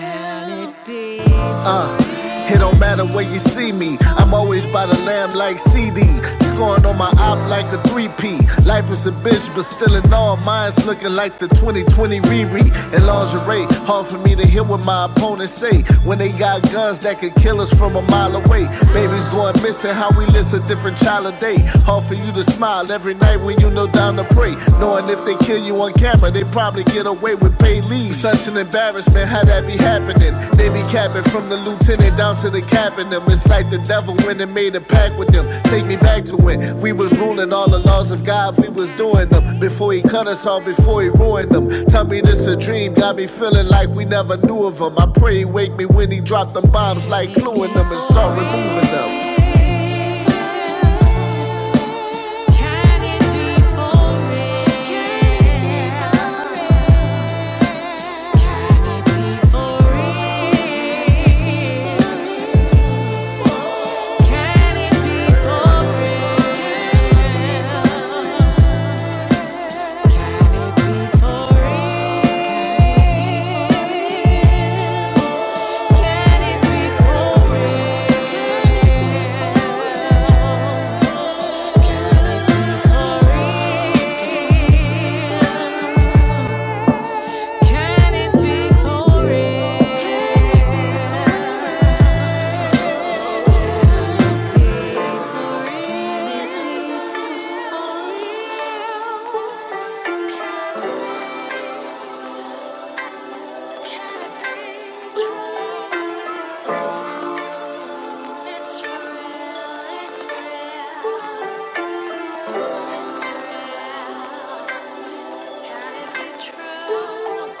Speaker 3: Can it be? Uh, it don't matter where you see me. I'm always by the lamb like CD. Scoring on my op like a 3P. Life is a bitch, but still in all, mine's looking like the 2020 Riri. In lingerie, hard for me to hear what my opponents say. When they got guns that could kill us from a mile away. Babies going missing, how we list a different child a day. Hard for you to smile every night when you know down to pray. Knowing if they kill kill you on camera, they probably get away with paid leave. Such an embarrassment, how that be happening? They be capping from the lieutenant down to the captain. Them. It's like the devil when they made a pact with them. Take me back to it. We was ruling all the laws of God, we was doing them. Before he cut us off, before he ruined them. Tell me this a dream, got me feeling like we never knew of him. I pray he wake me when he dropped them bombs, like gluing them and start removing them. Can it be for real? Can it be for real? Can it be for real? Can it be for real? Can it be for real? It's real, it's real, it's real. Can it be true?